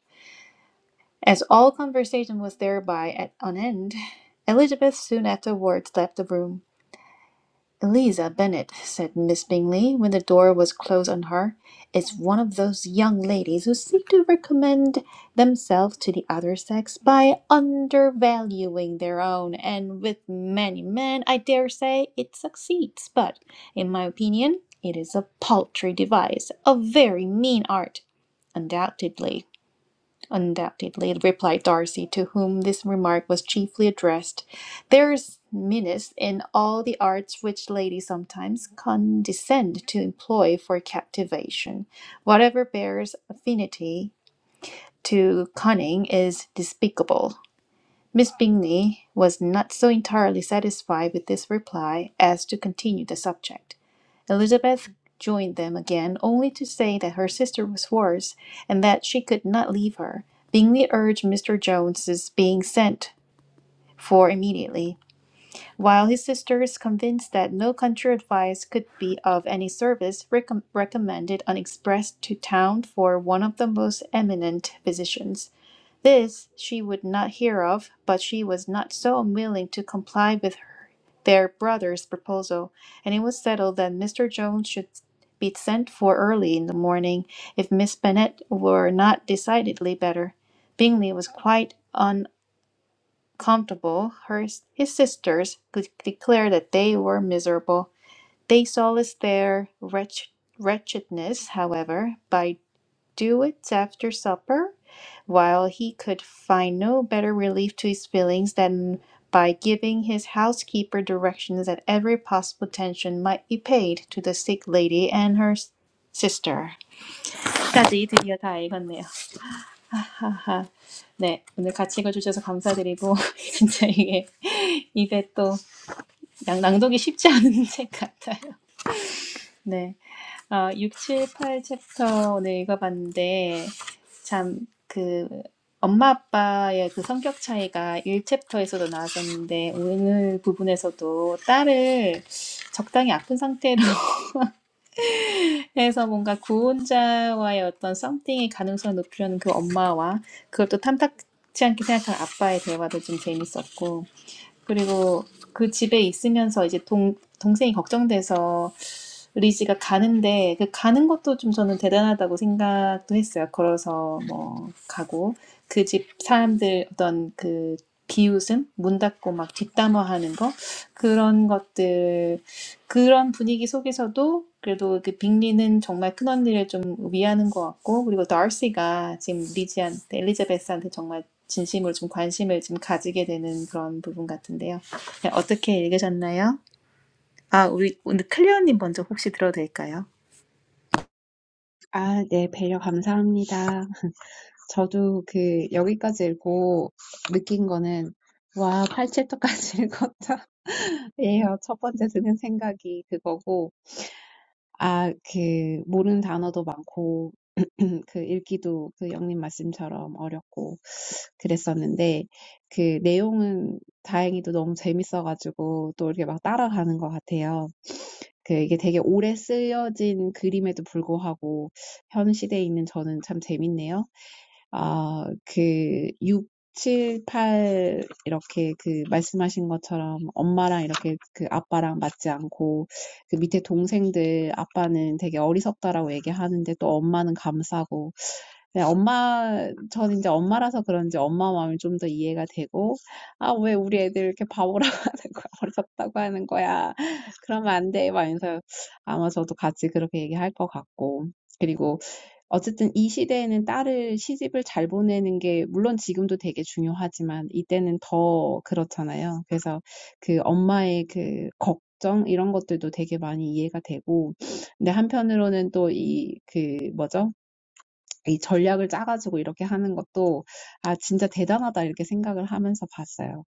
[SPEAKER 1] As all conversation was thereby at an end, Elizabeth soon afterwards left the room. "Eliza Bennet," said Miss Bingley, when the door was closed on her, "is one of those young ladies who seek to recommend themselves to the other sex by undervaluing their own; and with many men, I dare say, it succeeds; but, in my opinion, it is a paltry device, a very mean art, undoubtedly. Undoubtedly, replied Darcy, to whom this remark was chiefly addressed. There's meanness in all the arts which ladies sometimes condescend to employ for captivation. Whatever bears affinity to cunning is despicable. Miss Bingley was not so entirely satisfied with this reply as to continue the subject. Elizabeth joined them again, only to say that her sister was worse and that she could not leave her. Bingley urged Mr. Jones's being sent for immediately, while his sisters, convinced that no country advice could be of any service, recom- recommended an express to town for one of the most eminent physicians. This she would not hear of, but she was not so unwilling to comply with her, their brother's proposal, and it was settled that Mr. Jones should be sent for early in the morning if Miss Bennet were not decidedly better. Bingley was quite uncomfortable. Her, his sisters could declare that they were miserable. They solaced their wretch, wretchedness, however, by Duets after supper while he could find no better relief to his feelings than by giving his housekeeper directions that every possible attention might be paid to the sick lady and her s- sister까지 드디어 다 읽었네요. 하하. 네, 오늘 같이 읽어주셔서 감사드리고 <laughs> 진짜 이게 입에 또 양- 낭독이 쉽지 않은 책 같아요. 네. 아, 6, 7, 8 챕터 오늘 읽어봤는데, 참, 그, 엄마 아빠의 그 성격 차이가 1챕터에서도 나왔었는데, 오늘 부분에서도 딸을 적당히 아픈 상태로 <laughs> 해서 뭔가 구혼자와의 어떤 썸띵의 가능성을 높이려는 그 엄마와 그걸 또 탐탁치 않게 생각한 아빠의 대화도 좀 재밌었고, 그리고 그 집에 있으면서 이제 동, 동생이 걱정돼서 리지가 가는데 그 가는 것도 좀 저는 대단하다고 생각도 했어요. 걸어서 뭐 가고 그 집 사람들 어떤 그 비웃음, 문 닫고 막 뒷담화하는 거 그런 것들 그런 분위기 속에서도 그래도 그 빅리는 정말 큰언니를 좀 위하는 것 같고 그리고 다시가 지금 리지한테 엘리자베스한테 정말 진심으로 좀 관심을 좀 가지게 되는 그런 부분 같은데요. 네, 어떻게 읽으셨나요? 아, 우리 오늘 클리어님 먼저 혹시 들어도 될까요?
[SPEAKER 4] 아, 네, 배려 감사합니다. 저도 그 여기까지 읽고 느낀 거는 와, 8챕터까지 읽었다. <laughs> 예요. 첫 번째 드는 생각이 그거고 아, 그 모르는 단어도 많고 <clears throat> 그 읽기도 그 영님 말씀처럼 어렵고 그랬었는데 그 내용은 다행히도 너무 재밌어가지고 또 이렇게 막 따라가는 것 같아요. 그 이게 되게 오래 쓰여진 그림에도 불구하고 현 시대에 있는 저는 참 재밌네요. 아, 그 6, 7, 8 이렇게 그 말씀하신 것처럼 엄마랑 이렇게 그 아빠랑 맞지 않고 그 밑에 동생들 아빠는 되게 어리석다라고 얘기하는데 또 엄마는 감싸고 네, 엄마, 전 이제 엄마라서 그런지 엄마 마음이 좀 더 이해가 되고, 아, 왜 우리 애들 이렇게 바보라고 <laughs> 하는 거야? 어리석다고 하는 거야? <laughs> 그러면 안 돼. 막 이러면서 아마 저도 같이 그렇게 얘기할 것 같고. 그리고 어쨌든 이 시대에는 딸을 시집을 잘 보내는 게 물론 지금도 되게 중요하지만 이때는 더 그렇잖아요. 그래서 그 엄마의 그 걱정 이런 것들도 되게 많이 이해가 되고 근데 한편으로는 또이그 뭐죠? 이 전략을 짜가지고 이렇게 하는 것도 아 진짜 대단하다 이렇게 생각을 하면서 봤어요.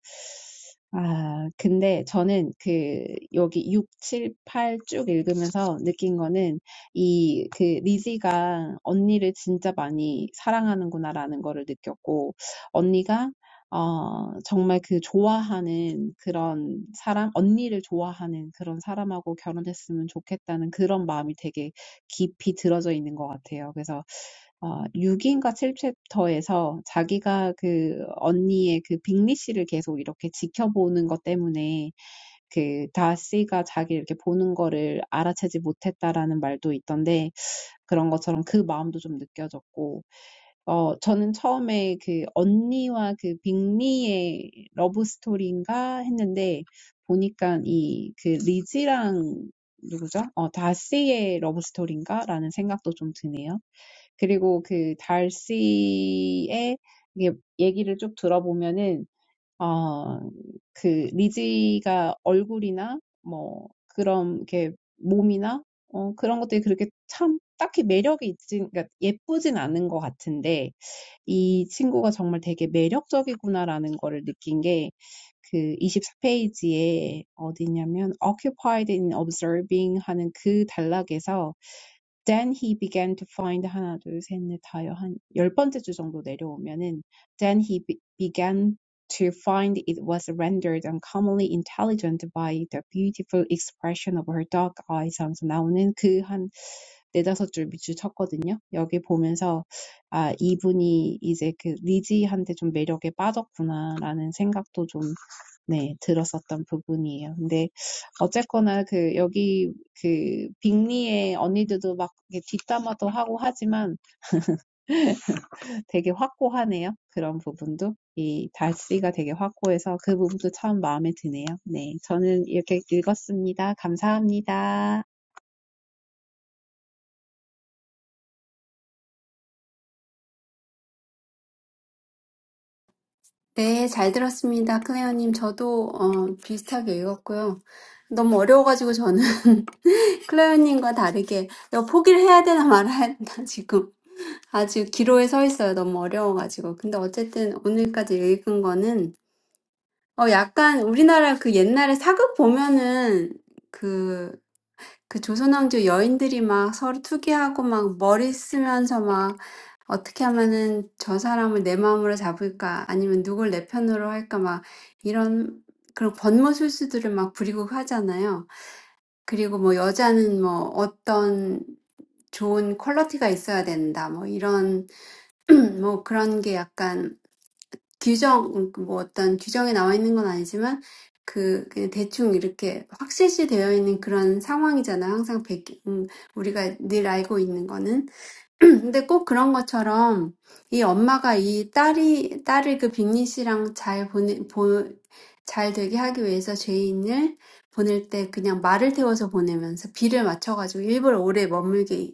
[SPEAKER 4] 아 근데 저는 그 여기 육칠팔 쭉 읽으면서 느낀 거는 이그 리지가 언니를 진짜 많이 사랑하는구나라는 거를 느꼈고 언니가 어, 정말 그 좋아하는 그런 사람, 언니를 좋아하는 그런 사람하고 결혼했으면 좋겠다는 그런 마음이 되게 깊이 들어져 있는 것 같아요. 그래서 아 6인가 7챕터에서 자기가 그 언니의 그 빅리 씨를 계속 이렇게 지켜보는 것 때문에 그 다씨가 자기 이렇게 보는 거를 알아채지 못했다라는 말도 있던데 그런 것처럼 그 마음도 좀 느껴졌고 어 저는 처음에 그 언니와 그 빅리의 러브 스토리인가 했는데 보니까 이 그 리지랑 누구죠? 어 다씨의 러브 스토리인가라는 생각도 좀 드네요. 그리고 그 달씨의 이게 얘기를 쭉 들어보면은 어, 그 리지가 얼굴이나 뭐 그런 이렇게 몸이나 어, 그런 것들이 그렇게 참 딱히 매력이 있진 그러니까 예쁘진 않은 것 같은데 이 친구가 정말 되게 매력적이구나라는 거를 느낀 게 그 24페이지에 어디냐면 occupied in observing 하는 그 단락에서 then he began to find 하나, 둘, 셋, 넷, 다여 한열 번째 주 정도 내려오면은 then he be- began to find it was rendered uncommonly intelligent by the beautiful expression of her dark eyes 하면서 나오는 그 한 네다섯 줄 밑줄 쳤거든요. 여기 보면서 아 이분이 이제 그 리지한테 좀 매력에 빠졌구나라는 생각도 좀 네, 들었었던 부분이에요. 근데 어쨌거나 그 여기 그 빅리의 언니들도 막 이렇게 뒷담화도 하고 하지만 되게 확고하네요. 그런 부분도 이 달씨가 되게 확고해서 그 부분도 참 마음에 드네요. 네, 저는 이렇게 읽었습니다. 감사합니다.
[SPEAKER 2] 네, 잘 들었습니다. 클레어님, 저도 어, 비슷하게 읽었고요. 너무 어려워가지고 저는 <laughs> 클레어님과 다르게 이거 포기를 해야 되나 말아야 되나 지금 아주 기로에 서 있어요. 너무 어려워가지고. 근데 어쨌든 오늘까지 읽은 거는 어, 약간 우리나라 그 옛날에 사극 보면은 그 그 조선왕조 여인들이 막 서로 투기하고 막 머리 쓰면서 막 어떻게 하면은 저 사람을 내 마음으로 잡을까 아니면 누굴 내 편으로 할까 막 이런 그런 권모술수들을 막 부리고 하잖아요. 그리고 뭐 여자는 뭐 어떤 좋은 퀄리티가 있어야 된다. 뭐 이런 <clears throat> 뭐 그런 게 약간 규정, 뭐 어떤 규정에 나와 있는 건 아니지만, 그, 그냥 대충 이렇게 확실시 되어 있는 그런 상황이잖아. 항상 백, 음, 우리가 늘 알고 있는 거는. <clears throat> 근데 꼭 그런 것처럼 이 엄마가 이 딸이 딸을 그 빅리 씨랑 잘 보내 보, 잘 되게 하기 위해서 죄인을 보낼 때 그냥 말을 태워서 보내면서 비를 맞춰가지고 일부러 오래 머물게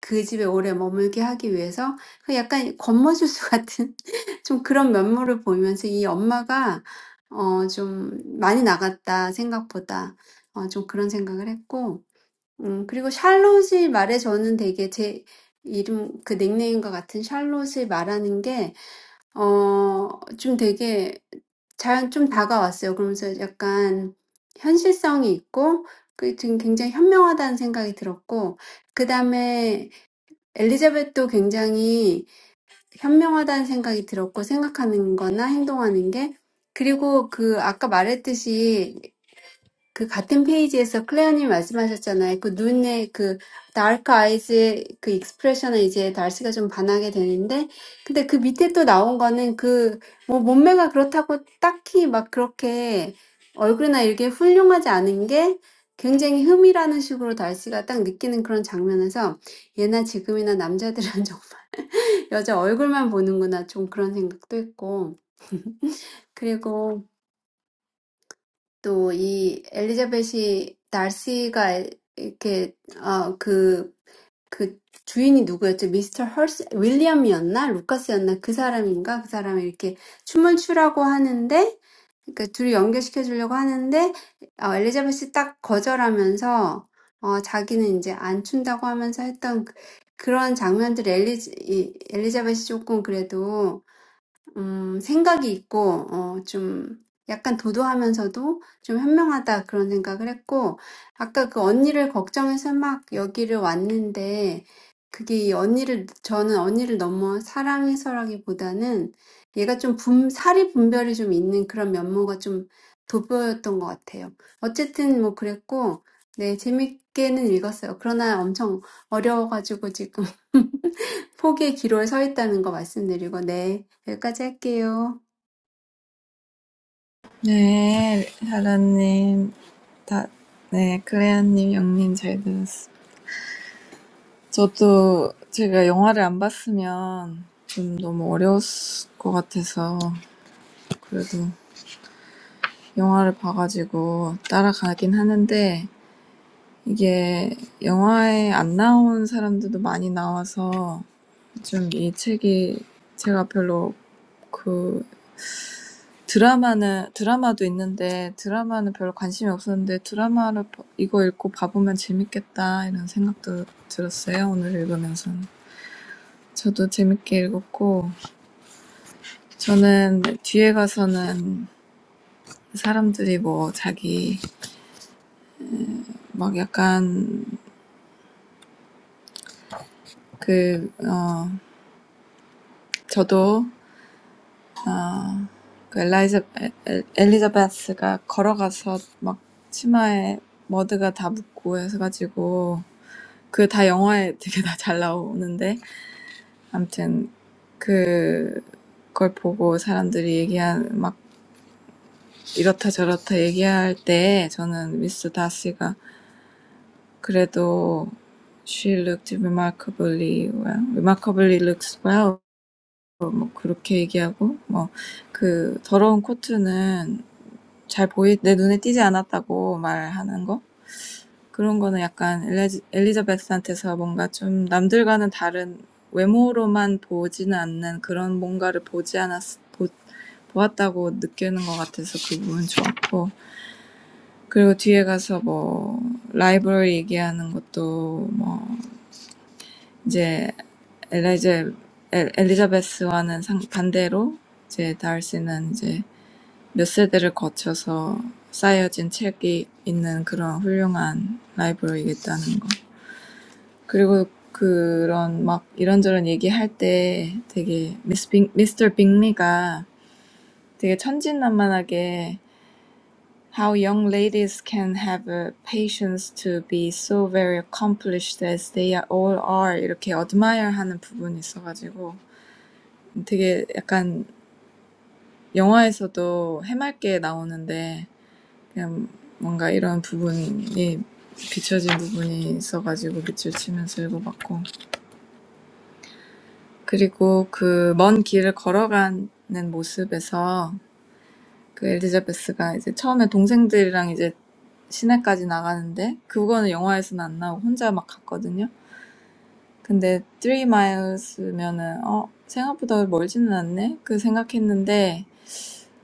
[SPEAKER 2] 그 집에 오래 머물게 하기 위해서 그 약간 권모술수 같은 <laughs> 좀 그런 면모를 보이면서 이 엄마가 어좀 많이 나갔다 생각보다 어좀 그런 생각을 했고 음, 그리고 샬롯이 말에 저는 되게 제 이름, 그 닉네임과 같은 샬롯이 말하는 게, 어, 좀 되게 잘, 좀 다가왔어요. 그러면서 약간 현실성이 있고, 그, 지금 굉장히 현명하다는 생각이 들었고, 그 다음에 엘리자벳도 굉장히 현명하다는 생각이 들었고, 생각하는 거나 행동하는 게, 그리고 그, 아까 말했듯이 그 같은 페이지에서 클레어님 말씀하셨잖아요. 그 눈에 그 dark eyes의 그 expression을 이제 달스가 좀 반하게 되는데, 근데 그 밑에 또 나온 거는 그뭐 몸매가 그렇다고 딱히 막 그렇게 얼굴이나 이렇게 훌륭하지 않은 게 굉장히 흠이라는 식으로 달스가 딱 느끼는 그런 장면에서 예나 지금이나 남자들은 <laughs> 좀 여자 얼굴만 보는구나 좀 그런 생각도 했고, 그리고 또 이 엘리자벳이 달시가 이렇게 어, 그, 그 주인이 누구였죠? 미스터 헐스 윌리엄이었나? 루카스였나? 그 사람인가? 그 사람이 이렇게 춤을 추라고 하는데 그러니까 둘이 연결시켜 주려고 하는데 어, 엘리자벳이 딱 거절하면서 어, 자기는 이제 안 춘다고 하면서 했던 그- 그런 장면들 엘리, 이, 엘리자벳이 조금 그래도 음, 생각이 있고, 어, 좀, 약간 도도하면서도 좀 현명하다 그런 생각을 했고, 아까 그 언니를 걱정해서 막 여기를 왔는데, 그게 이 언니를, 저는 언니를 너무 사랑해서라기보다는 얘가 좀 분, 사리 분별이 좀 있는 그런 면모가 좀 돋보였던 것 같아요. 어쨌든 뭐 그랬고, 네, 재밌게는 읽었어요. 그러나 엄청 어려워가지고 지금 <laughs> 포기의 기로에 서 있다는 거 말씀드리고, 네, 여기까지 할게요.
[SPEAKER 3] 네, 하라님. 다, 네, 클레어님, 영님 잘 들었어. 저도 제가 영화를 안 봤으면 좀 너무 어려웠을 것 같아서 그래도 영화를 봐가지고 따라가긴 하는데 이게 영화에 안 나온 사람들도 많이 나와서 좀 이 책이 제가 별로 그 드라마는 드라마도 있는데 드라마는 별로 관심이 없었는데 드라마를 이거 읽고 봐보면 재밌겠다 이런 생각도 들었어요. 오늘 읽으면서 저도 재밌게 읽었고 저는 뒤에 가서는 사람들이 뭐 자기 막 약간 그, 어, 저도, 어, 그 엘라이자, 에- 엘리자베스가 걸어가서 막 치마에 머드가 다 묻고 해가지고, 그 다 영화에 되게 다잘 나오는데, 암튼, 그, 걸 보고 사람들이 얘기한, 막, 이렇다 저렇다 얘기할 때, 저는 미스 다시가 그래도, she looked remarkably well, remarkably looks well, 그렇게 얘기하고 뭐 그 더러운 코트는 잘 보이 내 눈에 띄지 않았다고 말하는 거 그런 거는 약간 엘레지, 엘리자베스한테서 뭔가 좀 남들과는 다른 외모로만 보지는 않는 그런 뭔가를 보지 않았 보, 보았다고 느끼는 것 같아서 그 부분 좋았고 그리고 뒤에 가서 뭐 라이벌 얘기하는 것도 뭐 이제 엘리제 엘리자베스와는 상, 반대로 이제 달시는 이제 Mr. Bingmi가 되게 미스터 빅리가 되게 천진난만하게 How young ladies can have a patience to be so very accomplished as they all are 이렇게 admire하는 부분 있어가지고 되게 약간 영화에서도 해맑게 나오는데 그냥 뭔가 이런 부분이 비춰진 부분이 있어가지고 밑줄 치면서 읽어봤고 그리고 그 먼 길을 걸어가는 모습에서 그 엘리자베스가 이제 처음에 동생들이랑 이제 시내까지 나가는데 그거는 영화에서는 안 나오고 혼자 막 갔거든요. 근데 3 miles면은 어 생각보다 멀지는 않네 그 생각했는데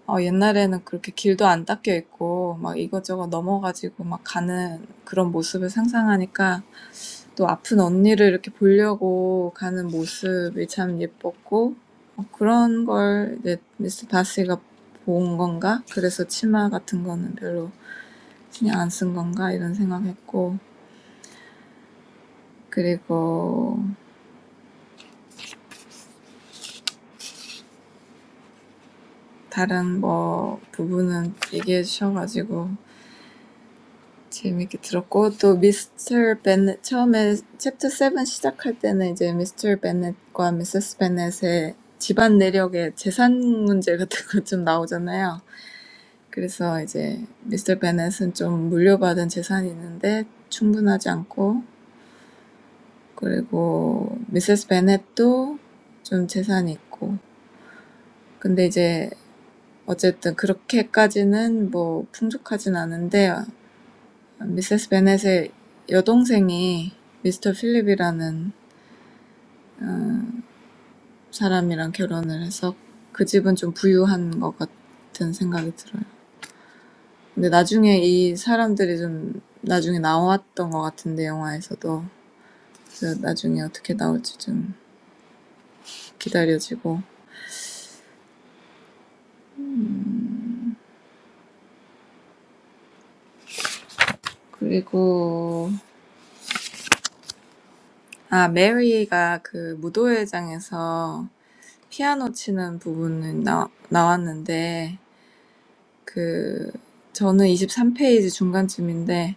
[SPEAKER 3] 어 옛날에는 그렇게 길도 안 닦여 있고 막 이것저것 넘어가지고 막 가는 그런 모습을 상상하니까 또 아픈 언니를 이렇게 보려고 가는 모습이 참 예뻤고 그런 걸 이제 미스 바시가 본 건가? 그래서 치마 같은 거는 별로 신경 안 쓴 건가? 이런 생각했고 그리고 다른 뭐 부분은 얘기해 주셔가지고 재밌게 들었고 또 미스터 베넷 처음에 챕터 7 시작할 때는 이제 미스터 베넷과 미세스 베넷의 집안 내력의 재산 문제 같은 거 <laughs> 좀 나오잖아요. 그래서 이제 미스터 베넷은 좀 물려받은 재산이 있는데 충분하지 않고 그리고 미세스 베넷도 좀 재산이 있고 근데 이제 어쨌든 그렇게까지는 뭐 풍족하진 않은데 미세스 베넷의 여동생이 미스터 필립이라는 사람이랑 결혼을 해서 그 집은 좀 부유한 것 같은 생각이 들어요. 근데 나중에 이 사람들이 좀 나중에 나왔던 것 같은데 영화에서도 그 나중에 어떻게 나올지 좀 기다려지고 그리고 아 메리가 그 무도회장에서 피아노 치는 부분은 나, 나왔는데 그 저는 23 페이지 중간쯤인데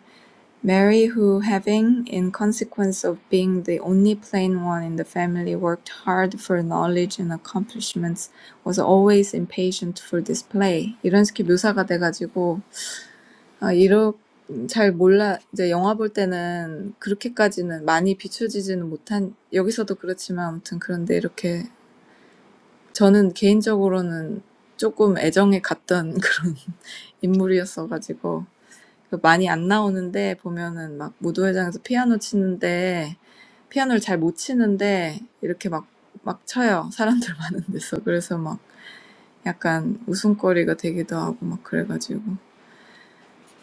[SPEAKER 3] Mary who having in consequence of being the only plain one in the family worked hard for knowledge and accomplishments was always impatient for display 이런 식의 묘사가 돼가지고 아, 이러, 잘 몰라. 이제 영화 볼 때는 그렇게까지는 많이 비춰지지는 못한, 여기서도 그렇지만 아무튼 그런데 이렇게 저는 개인적으로는 조금 애정에 갔던 <laughs> 그런 인물이었어가지고 많이 안 나오는데 보면은 막 무도회장에서 피아노 치는데 피아노를 잘못 치는데 이렇게 막, 막 쳐요. 사람들 <laughs> 많은 데서. 그래서 막 약간 웃음거리가 되기도 하고 막 그래가지고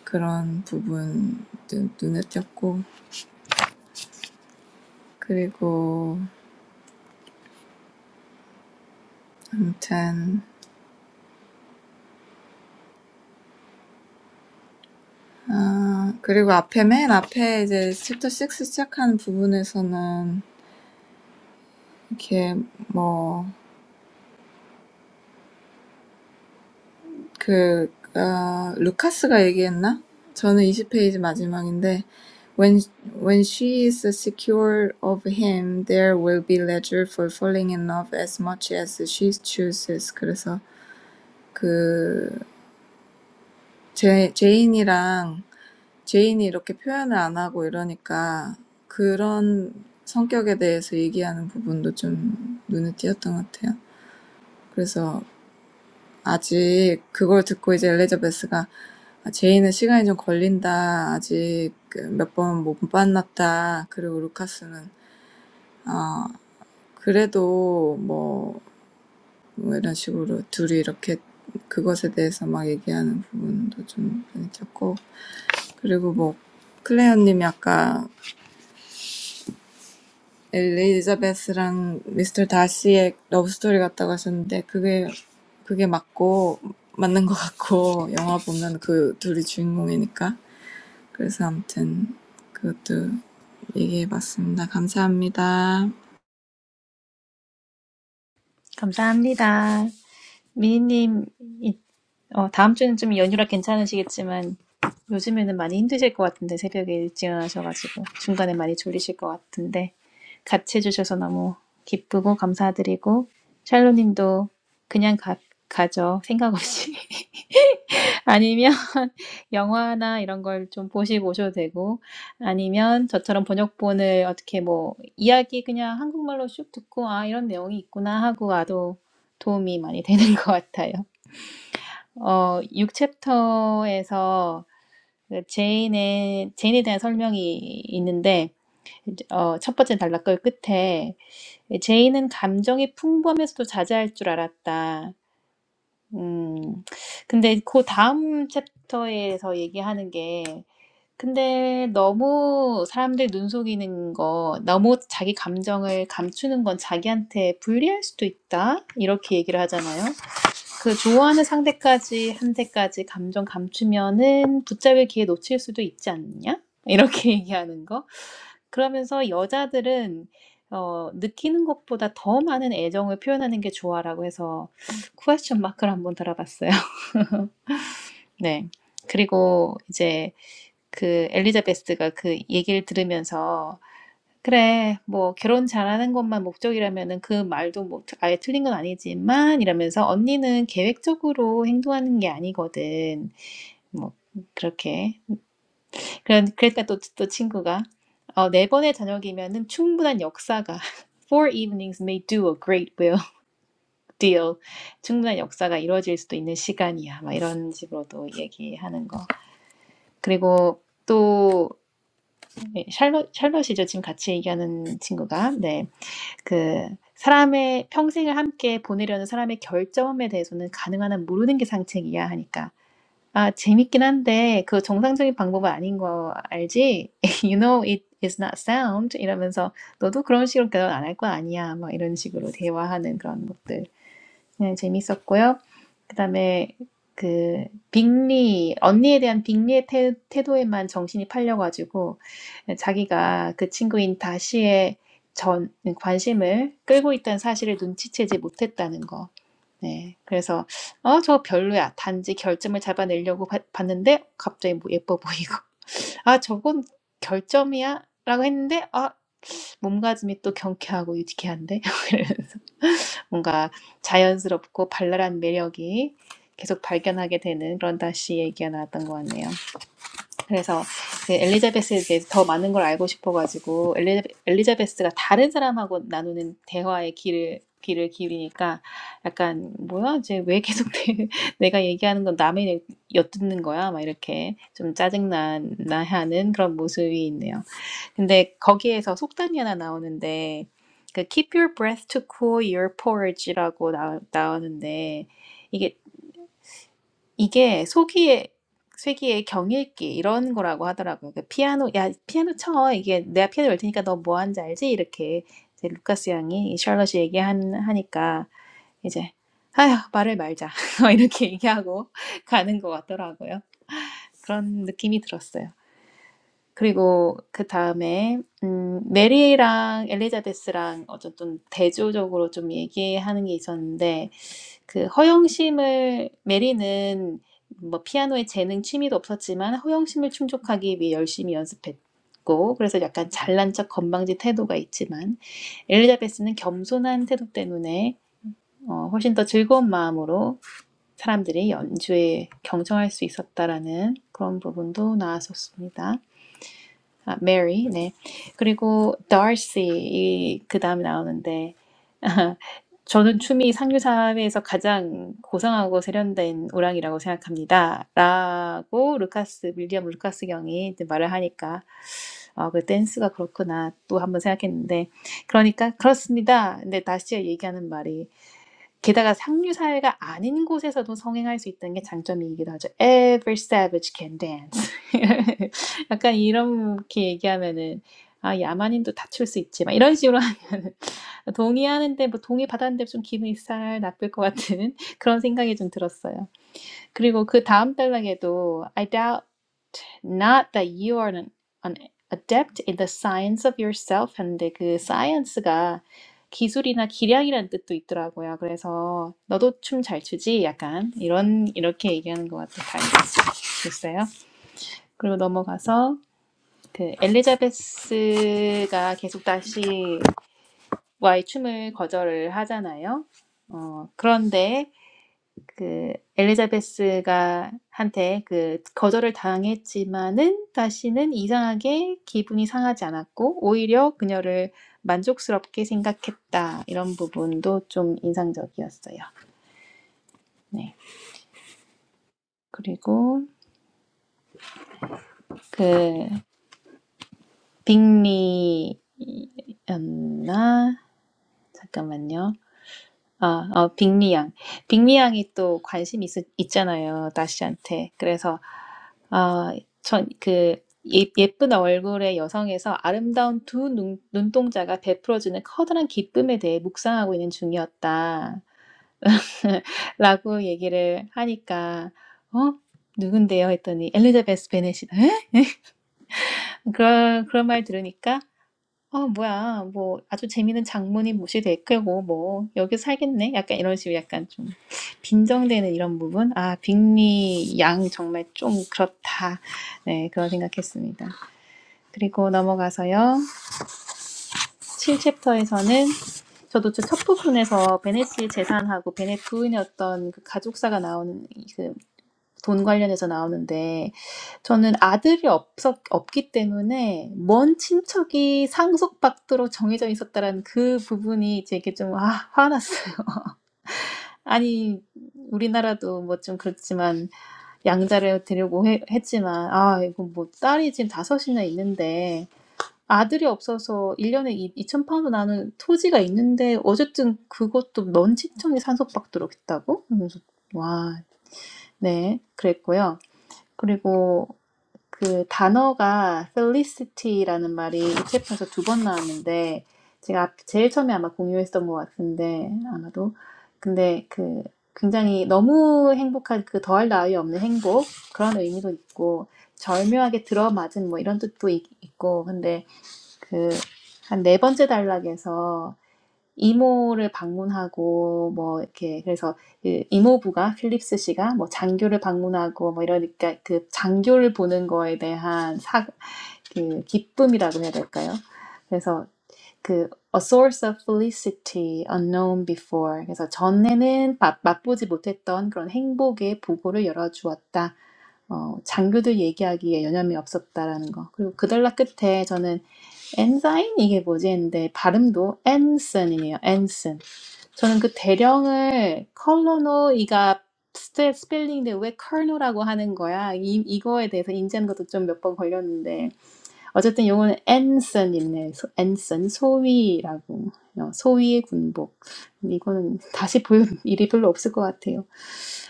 [SPEAKER 3] 그런 부분 눈- 눈에 띄었고 그리고 아무튼 아 그리고 앞에 맨 앞에 이제 챕터 6 시작하는 부분에서는 이렇게 뭐그 어, 루카스가 얘기했나? 저는 이십 페이지 마지막인데 when when she is secure of him there will be leisure for falling in love as much as she chooses 그래서 그 제, 제인이랑 제인이 이렇게 표현을 안 하고 이러니까 그런 성격에 대해서 얘기하는 부분도 좀 눈에 띄었던 것 같아요. 그래서 아직 그걸 듣고 이제 엘리자베스가 아, 제인은 시간이 좀 걸린다. 아직 몇 번 못 만났다. 그리고 루카스는 아 그래도 뭐뭐 이런 식으로 둘이 이렇게 그것에 대해서 막 얘기하는 부분도 좀 눈에 띄었고 그리고 뭐 클레어님이 아까 엘리자베스랑 미스터 다시의 러브스토리 같다고 하셨는데 그게 그게 맞고 맞는 것 같고 영화 보면 그 둘이 주인공이니까 그래서 아무튼 그것도 얘기해봤습니다. 감사합니다.
[SPEAKER 1] 감사합니다. 미니님, 어, 다음 주는 좀 연휴라 괜찮으시겠지만, 요즘에는 많이 힘드실 것 같은데, 새벽에 일찍 일어나셔가지고, 중간에 많이 졸리실 것 같은데, 같이 해주셔서 너무 기쁘고 감사드리고, 샬로님도 그냥 가, 가죠. 생각 없이. 아니면 <laughs> 영화나 이런 걸 좀 보시고 오셔도 되고 아니면 저처럼 번역본을 어떻게 뭐 이야기 그냥 한국말로 쭉 듣고 아 이런 내용이 있구나 하고 와도 도움이 많이 <laughs> 되는 것 같아요. 어, 6챕터에서 제인의 제인에 대한 설명이 있는데 이제 어, 첫 번째 단락글 끝에 제인은 감정이 풍부하면서도 자제할 줄 알았다. 음, 근데 그 다음 챕터에서 얘기하는 게 근데 너무 사람들 눈 속이는 거, 너무 자기 감정을 감추는 건 자기한테 불리할 수도 있다. 이렇게 얘기를 하잖아요. 그 좋아하는 상대까지, 한테까지 감정 감추면은 붙잡을 기회 놓칠 수도 있지 않냐? 이렇게 <laughs> 얘기하는 거. 그러면서 여자들은 어, 느끼는 것보다 더 많은 애정을 표현하는 게 좋아라고 해서 쿠에션 마크를 한번 달아봤어요. <laughs> 네. 그리고 이제 그 엘리자베스가 그 얘기를 들으면서 그래, 뭐 결혼 잘하는 것만 목적이라면은 그 말도 뭐 아예 틀린 건 아니지만 이러면서 언니는 계획적으로 행동하는 게 아니거든. 뭐 그렇게. 그런 그러니까 또, 또 친구가 어, 네 번의 저녁이면은 충분한 역사가 <laughs> Four evenings may do a great will deal. 충분한 역사가 이루어질 수도 있는 시간이야. 막 이런 식으로도 얘기하는 거. 그리고 또 네, 샬럿, 샬럿이죠. 지금 같이 얘기하는 친구가. 네. 그, 사람의 평생을 함께 보내려는 사람의 결점에 대해서는 가능한 한 모르는 게 상책이야 하니까. 아, 재밌긴 한데, 그 정상적인 방법은 아닌 거 알지? <laughs> You know it is not sound. 이러면서, 너도 그런 식으로 대화 안할 거 아니야. 막 이런 식으로 대화하는 그런 것들. 네, 재밌었고요. 그다음에 그 빅리 언니에 대한 빅리의 태, 태도에만 정신이 팔려 가지고 자기가 그 친구인 다시의 전 관심을 끌고 있다는 사실을 눈치채지 못했다는 거. 네. 그래서 어, 저 별로야. 단지 결점을 잡아내려고 봤- 봤는데 갑자기 뭐 예뻐 보이고. 아, 저건 결점이야. 라고 했는데 아 몸가짐이 또 경쾌하고 유쾌한데 <laughs> 뭔가 자연스럽고 발랄한 매력이 계속 발견하게 되는 그런 다시 얘기가 나왔던 것 같네요. 그래서 그 엘리자베스에 대해서 더 많은 걸 알고 싶어가지고 엘리, 엘리자베스가 다른 사람하고 나누는 대화의 길을 귀를 기울이니까 약간 뭐야 이제 왜 계속 <laughs> 내- 가 얘기하는 건 남의 엿듣는 거야 막 이렇게 좀 짜증나나 하는 그런 모습이 있네요. 근데 거기에서 속단이 하나 나오는데 그 Keep your breath to cool your porridge라고 나, 나오는데 이게 이게 소기의 쇠기의 경읽기 이런 거라고 하더라고요. 그 피아노 야 피아노 쳐 이게 내가 피아노 열 테니까 너 뭐 하는지 알지? 이렇게 이제 루카스 양이 이 샬럿이 얘기한 하니까 이제 아휴 말을 말자 <laughs> 이렇게 얘기하고 가는 것 같더라고요. 그런 느낌이 들었어요. 그리고 그다음에 음 메리랑 엘리자베스랑 어쨌든 대조적으로 좀 얘기하는 게 있었는데 그 허영심을 메리는 뭐 피아노에 재능 취미도 없었지만 허영심을 충족하기 위해 열심히 연습했고 그래서 약간 잘난 척 건방진 태도가 있지만 엘리자베스는 겸손한 태도 때문에 어, 훨씬 더 즐거운 마음으로 사람들이 연주에 경청할 수 있었다라는 그런 부분도 나왔었습니다. 아, 메리, 네. 그리고 Darcy, 이, 그 다음에 나오는데, <laughs> 저는 춤이 상류 사회에서 가장 고상하고 세련된 오랑이라고 생각합니다. 라고 루카스, 윌리엄 루카스 경이 이제 말을 하니까, 어, 그 댄스가 그렇구나. 또 한번 생각했는데, 그러니까, 그렇습니다. 근데 다시 얘기하는 말이, 게다가 상류 사회가 아닌 곳에서도 성행할 수 있다는 게 장점이기도 하죠. Every savage can dance. <laughs> 약간 이렇게 얘기하면은 아 야만인도 다출 수 있지 막 이런 식으로 하면 동의하는데 <laughs> 뭐 동의 받았는데 좀 기분이 살 나쁠 것 같은 <laughs> 그런 생각이 좀 들었어요. 그리고 그 다음 단락에도 I doubt Not that you are an, an adept in the science of yourself 했는데 그 science가 기술이나 기량이라는 뜻도 있더라고요. 그래서 너도 춤 잘 추지? 약간 이런 이렇게 얘기하는 것 같아요. 됐어요 그리고 넘어가서 그 엘리자베스가 계속 다시 와의 춤을 거절을 하잖아요. 어, 그런데 그 엘리자베스가 한테 그 거절을 당했지만은 다시는 이상하게 기분이 상하지 않았고 오히려 그녀를 만족스럽게 생각했다. 이런 부분도 좀 인상적이었어요. 네. 그리고 그 빅리였나? 잠깐만요. 아, 어, 빅리양. 빅리양이 또 관심 있, 있잖아요, 나시한테. 그래서, 아, 전, 그, 예, 예쁜 얼굴의 여성에서 아름다운 두 눈, 눈동자가 베풀어주는 커다란 기쁨에 대해 묵상하고 있는 중이었다. <laughs> 라고 얘기를 하니까, 어? 누군데요? 했더니, 엘리자베스 베넷이다. 에? 그런, 그런 말 들으니까, 어 뭐야. 뭐 아주 재미있는 장모님 모시될 거고 뭐 여기서 살겠네. 약간 이런 식으로 약간 좀빈정되는 이런 부분. 아, 빅리 양 정말 좀 그렇다. 네, 그런 생각했습니다. 그리고 넘어가서요. 7챕터에서는 저도 저첫 부분에서 베넷의 재산하고 베넷 부인의 어떤 그 가족사가 나오는 그돈 관련해서 나오는데 저는 아들이 없었 없기 때문에 먼 친척이 상속받도록 정해져 있었다라는 그 부분이 제게좀 아, 화났어요. <laughs> 아니 우리나라도 뭐 좀 그렇지만 양자를 되리고 해- 했지만 아 이거 뭐 딸이 지금 다섯이나 있는데 아들이 없어서 1년에 2천 파운드 나는 토지가 있는데 어쨌든 그것도 먼 친척이 상속받도록 했다고? 그서 와, 네, 그랬고요. 그리고 그 단어가 felicity라는 말이 이 챕터에서 두 번 나왔는데 제가 제일 처음에 아마 공유했던 것 같은데 아마도 근데 그 굉장히 너무 행복한 그 더할 나위 없는 행복 그런 의미도 있고 절묘하게 들어맞은 뭐 이런 뜻도 있- 있고 근데 그 한 네 번째 단락에서 이모를 방문하고 뭐 이렇게 그래서 그 이모부가 필립스 씨가 뭐 장교를 방문하고 뭐 이러니까 그 장교를 보는 거에 대한 사, 그 기쁨이라고 해야 될까요? 그래서 그 a source of felicity unknown before 그래서 전에는 맛, 맛보지 못했던 그런 행복의 보고를 열어주었다. 어, 장교들 얘기하기에 여념이 없었다라는 거. 그리고 그달라 끝에 저는 엔사인 이게 뭐지 했는데 발음도 엔슨이에요. 엔슨. 저는 그 대령을 컬러노 이가 스페, 스펠링인데 왜 컬노라고 하는 거야? 이, 이거에 대해서 인지하는 것도 좀 몇 번 걸렸는데 어쨌든 용어는 앤슨이네. 소, 앤슨 소위라고 어, 소위의 군복. 이거는 다시 볼 일이 별로 없을 것 같아요.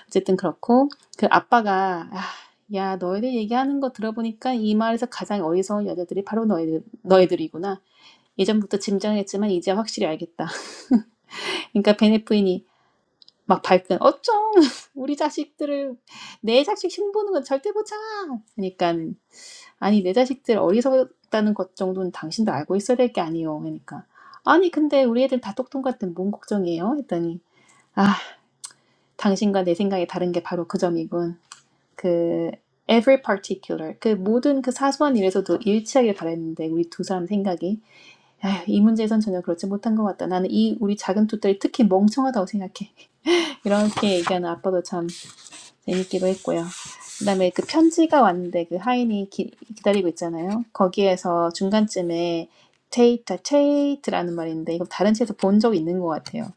[SPEAKER 1] 어쨌든 그렇고 그 아빠가 아, 야 너희들 얘기하는 거 들어보니까 이 마을에서 가장 어리석은 여자들이 바로 너희들 너희들이구나. 예전부터 짐작했지만 이제 확실히 알겠다. <laughs> 그러니까 베네프인이 막 발끈 어쩜 <laughs> 우리 자식들을 내 자식 흉보는 건 절대 못 참아 그러니까 아니 내 자식들 어리석다는 것 정도는 당신도 알고 있어야 될 게 아니요 그러니까 아니 근데 우리 애들 다 똑똑한데 뭔 걱정이에요 했더니 아 당신과 내 생각이 다른 게 바로 그 점이군 그 every particular 그 모든 그 사소한 일에서도 일치하길 바랬는데 우리 두 사람 생각이 휴이 문제에선 전혀 그렇지 못한 것 같다 나는 이 우리 작은 두 딸이 특히 멍청하다고 생각해 이렇게 얘기하는 아빠도 참 재밌기도 했고요. 그다음에 그 편지가 왔는데 그 하인이 기, 기다리고 있잖아요. 거기에서 중간쯤에 테이터, 체이트라는 말인데 이거 다른 책에서 본 적 있는 것 같아요.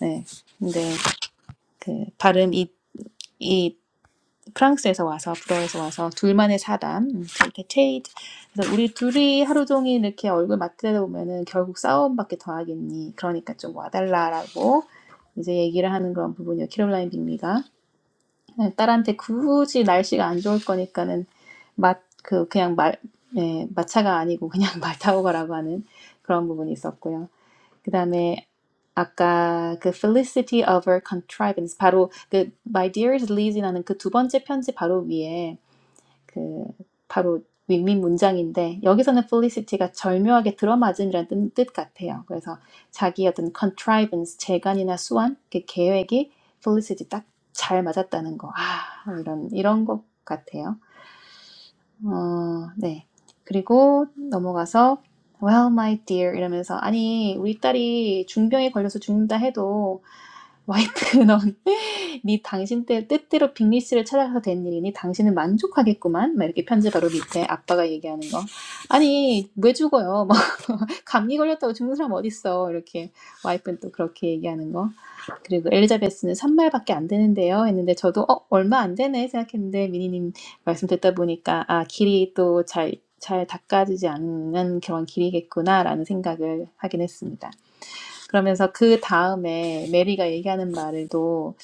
[SPEAKER 1] 네. 근데 그 발음 이, 이 프랑스에서 와서 불어에서 와서 둘만의 사담 음, 이렇게 체이트 그래서 우리 둘이 하루 종일 이렇게 얼굴 맞대다 보면은 결국 싸움밖에 더하겠니 그러니까 좀 와달라라고 이제 얘기를 하는 그런 부분이요 캐롤라인 빅미가 네, 딸한테 굳이 날씨가 안 좋을 거니까는 맛, 그, 그냥 말, 예, 마차가 아니고 그냥 <laughs> 말 타고 가라고 하는 그런 부분이 있었고요. 그 다음에 아까 그 Felicity of her contrivance, 바로 그 My dearest Lizzie라는 그 두 번째 편지 바로 위에 그 바로 윈윈 문장인데 여기서는 felicity가 절묘하게 들어맞음이라는 뜻- 같아요. 그래서 자기 어떤 contrivance, 재간이나 수완, 그 계획이 felicity 딱 잘 맞았다는 거. 아, 이런 이런 것 같아요. 어, 네. 그리고 넘어가서 well, my dear 이러면서 아니 우리 딸이 중병에 걸려서 죽는다 해도 와이프 넌 <laughs> 네 당신 때 뜻대로 빅리 씨를 찾아가서 된 일이니 당신은 만족하겠구만. 막 이렇게 편지 바로 밑에 아빠가 얘기하는 거. 아니 왜 죽어요? <laughs> 뭐 감기 걸렸다고 죽는 사람 어딨어? 이렇게 와이프는 또 그렇게 얘기하는 거. 그리고 엘리자베스는 산말밖에안 되는데요. 했는데 저도 어 얼마 안 되네 생각했는데 미니님 말씀 듣다 보니까 아 길이 또 잘 잘 닦아지지 않는 그런 길이겠구나라는 생각을 하긴 했습니다. 그러면서 그 다음에 메리가 얘기하는 말을도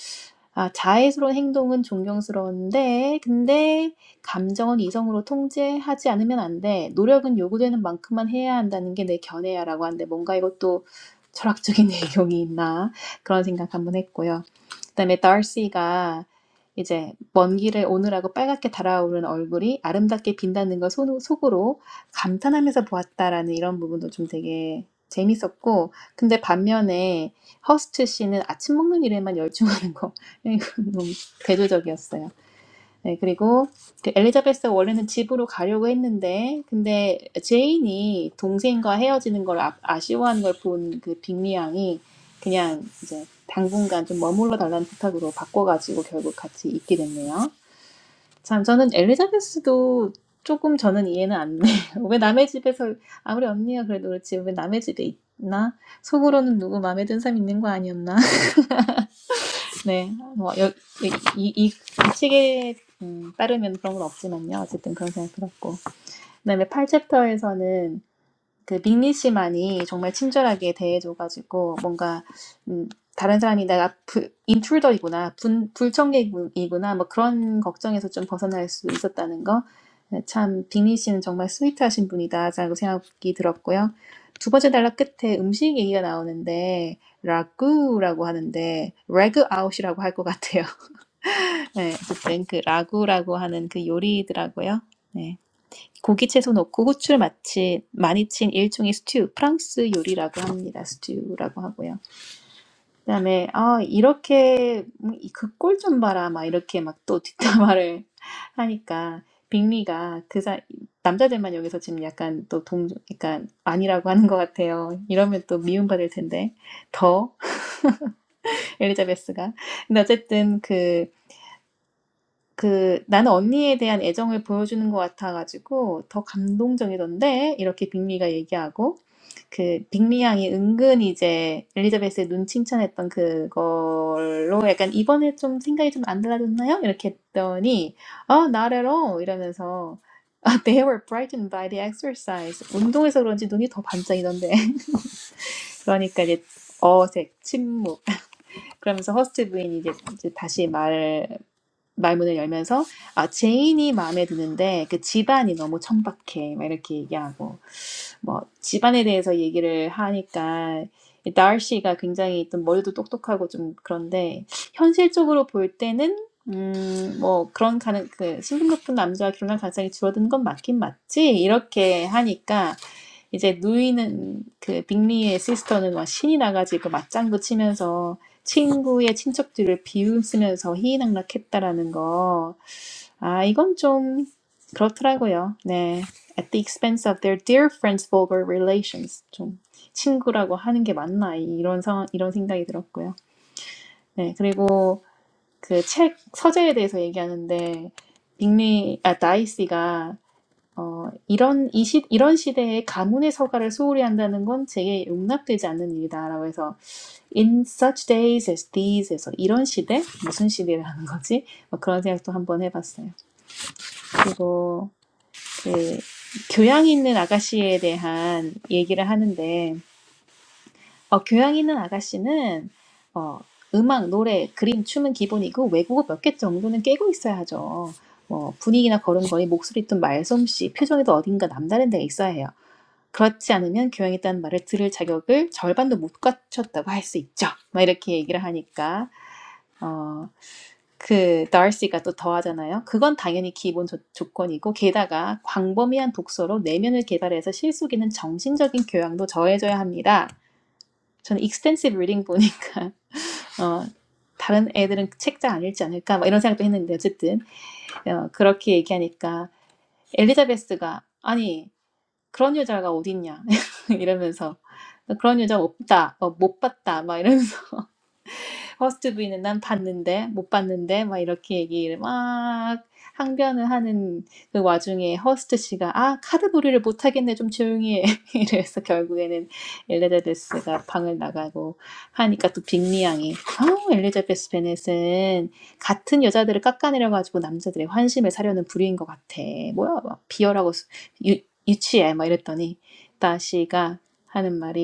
[SPEAKER 1] 아, 자애스러운 행동은 존경스러운데, 근데 감정은 이성으로 통제하지 않으면 안 돼. 노력은 요구되는 만큼만 해야 한다는 게 내 견해야라고 하는데 뭔가 이것도 철학적인 <laughs> 내용이 있나 그런 생각 한번 했고요. 그다음에 달시가 이제 먼 길을 오늘하고 빨갛게 달아오른 얼굴이 아름답게 빈다는 걸 속으로 감탄하면서 보았다라는 이런 부분도 좀 되게 재밌었고 근데 반면에 허스트 씨는 아침 먹는 일에만 열중하는 거 <laughs> 이건 너무 대조적이었어요. 네, 그리고 그 엘리자베스가 원래는 집으로 가려고 했는데 근데 제인이 동생과 헤어지는 걸 아, 아쉬워하는 걸 본 그 빅리 양이 그냥 이제 당분간 좀 머물러 달라는 부탁으로 바꿔가지고 결국 같이 있게 됐네요. 참, 저는 엘리자베스도 조금 저는 이해는 안 돼요. <laughs> 왜 남의 집에서, 아무리 언니가 그래도 그렇지, 왜 남의 집에 있나? 속으로는 누구 마음에 든 사람 있는 거 아니었나? <laughs> 네, 뭐, 여, 이, 이, 이, 이 책에 음, 따르면 그런 건 없지만요. 어쨌든 그런 생각 들었고. 그 다음에 8챕터에서는 그 빅리 씨만이 정말 친절하게 대해줘가지고 뭔가 음, 다른 사람이 내가 부, 인트루더이구나, 분, 불청객이구나 뭐 그런 걱정에서 좀 벗어날 수 있었다는 거. 네, 참 빅리 씨는 정말 스위트하신 분이다라고 생각이 들었고요. 두 번째 단락 끝에 음식 얘기가 나오는데 라구라고 하는데 레그 아웃이라고 할 것 같아요. <laughs> 네, 어쨌든 그 라구라고 하는 그 요리더라고요. 고기 채소 넣고 후추를 마치 많이 친 일종의 스튜, 프랑스 요리라고 합니다. 스튜라고 하고요. 그다음에 아 이렇게 그꼴 좀 봐라 막 이렇게 막 또 뒷담화를 <laughs> 하니까 빅리가 그 사, 남자들만 여기서 지금 약간 또 동, 약간 아니라고 하는 것 같아요. 이러면 또 미움받을 텐데 더 <laughs> 엘리자베스가. 근데 어쨌든 그, 그 나는 언니에 대한 애정을 보여주는 것 같아가지고 더 감동적이던데 이렇게 빅리가 얘기하고 그 빅리 양이 은근 이제 엘리자베스의 눈 칭찬했던 그걸로 약간 이번에 좀 생각이 좀 안 달라졌나요? 이렇게 했더니 아, not at all 이러면서 아, they were brightened by the exercise. 운동해서 그런지 눈이 더 반짝이던데. <laughs> 그러니까 이제 어색, 침묵. 그러면서 허스트 부인이 이제, 이제 다시 말문을 열면서 아, 제인이 마음에 드는데 그 집안이 너무 천박해. 막 이렇게 얘기하고 뭐 집안에 대해서 얘기를 하니까 이 다시가 굉장히 좀 머리도 똑똑하고 좀 그런데 현실적으로 볼 때는 음, 뭐 그런 가능 그 신분 높은 남자와 결혼할 가능성이 줄어드는 건 맞긴 맞지 이렇게 하니까 이제 누이는 그 빅리의 시스터는 막 신이 나가지고 그 맞장구 치면서 친구의 친척들을 비웃으면서 희희낙락했다라는 거. 아, 이건 좀 그렇더라고요. 네. At the expense of their dear friends' vulgar relations. 좀 친구라고 하는 게 맞나 이런 상 이런 생각이 들었고요. 네. 그리고 그 책 서재에 대해서 얘기하는데 빅리 아 다이씨가 어, 이런, 이 시, 이런 시대에 가문의 서가를 소홀히 한다는 건 제게 용납되지 않는 일이다라고 해서 in such days as these 에서 이런 시대? 무슨 시대라는 거지? 뭐 그런 생각도 한번 해봤어요. 그리고 그 교양 있는 아가씨에 대한 얘기를 하는데 어, 교양 있는 아가씨는 어, 음악, 노래, 그림, 춤은 기본이고 외국어 몇 개 정도는 깨고 있어야 하죠. 뭐 분위기나 걸음걸이, 목소리든 말솜씨, 표정에도 어딘가 남다른 데가 있어야 해요. 그렇지 않으면 교양이있다는 말을 들을 자격을 절반도 못 갖췄다고 할 수 있죠. 막 이렇게 얘기를 하니까 어, 그 darcy가 또 더하잖아요. 그건 당연히 기본 조, 조건이고 게다가 광범위한 독서로 내면을 개발해서 실속있는 정신적인 교양도 더해져야 합니다. 저는 extensive reading 보니까 어, 다른 애들은 책 잘 안 읽지 않을까 막 이런 생각도 했는데 어쨌든 어, 그렇게 얘기하니까 엘리자베스가 아니 그런 여자가 어딨냐 <laughs> 이러면서 그런 여자 없다, 어, 못 봤다 막 이러면서 허스트 부인은 난 봤는데 못 봤는데 막 이렇게 얘기를 막 항변을 하는 그 와중에 허스트 씨가 아 카드부리를 못 하겠네 좀 조용히 해 <laughs> 이래서 결국에는 엘리자베스가 방을 나가고 하니까 또 빅리 양이 어, 엘리자베스 베넷은 같은 여자들을 깎아내려 가지고 남자들의 환심을 사려는 부류인 것 같아 뭐야 막 비열하고 수- 유, 유치해 막 이랬더니 다시가 하는 말이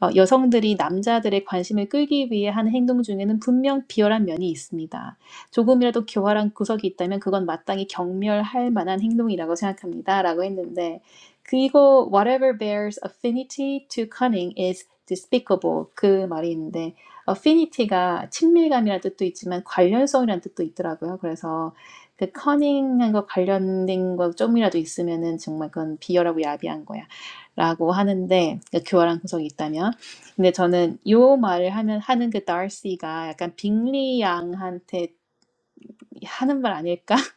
[SPEAKER 1] 어, 여성들이 남자들의 관심을 끌기 위해 하는 행동 중에는 분명 비열한 면이 있습니다. 조금이라도 교활한 구석이 있다면 그건 마땅히 경멸할 만한 행동이라고 생각합니다. 라고 했는데 그 이거 whatever bears affinity to cunning is despicable 그 말이 있는데 affinity가 친밀감이라는 뜻도 있지만 관련성이라는 뜻도 있더라고요. 그래서 그 커닝한 거 관련된 거 좀이라도 있으면은 정말 그건 비열하고 야비한 거야. 라고 하는데, 그러니까 교활한 구석이 있다면. 근데 저는 요 말을 하면 하는 그 darcy가 약간 빅리 양한테 하는 말 아닐까? <laughs>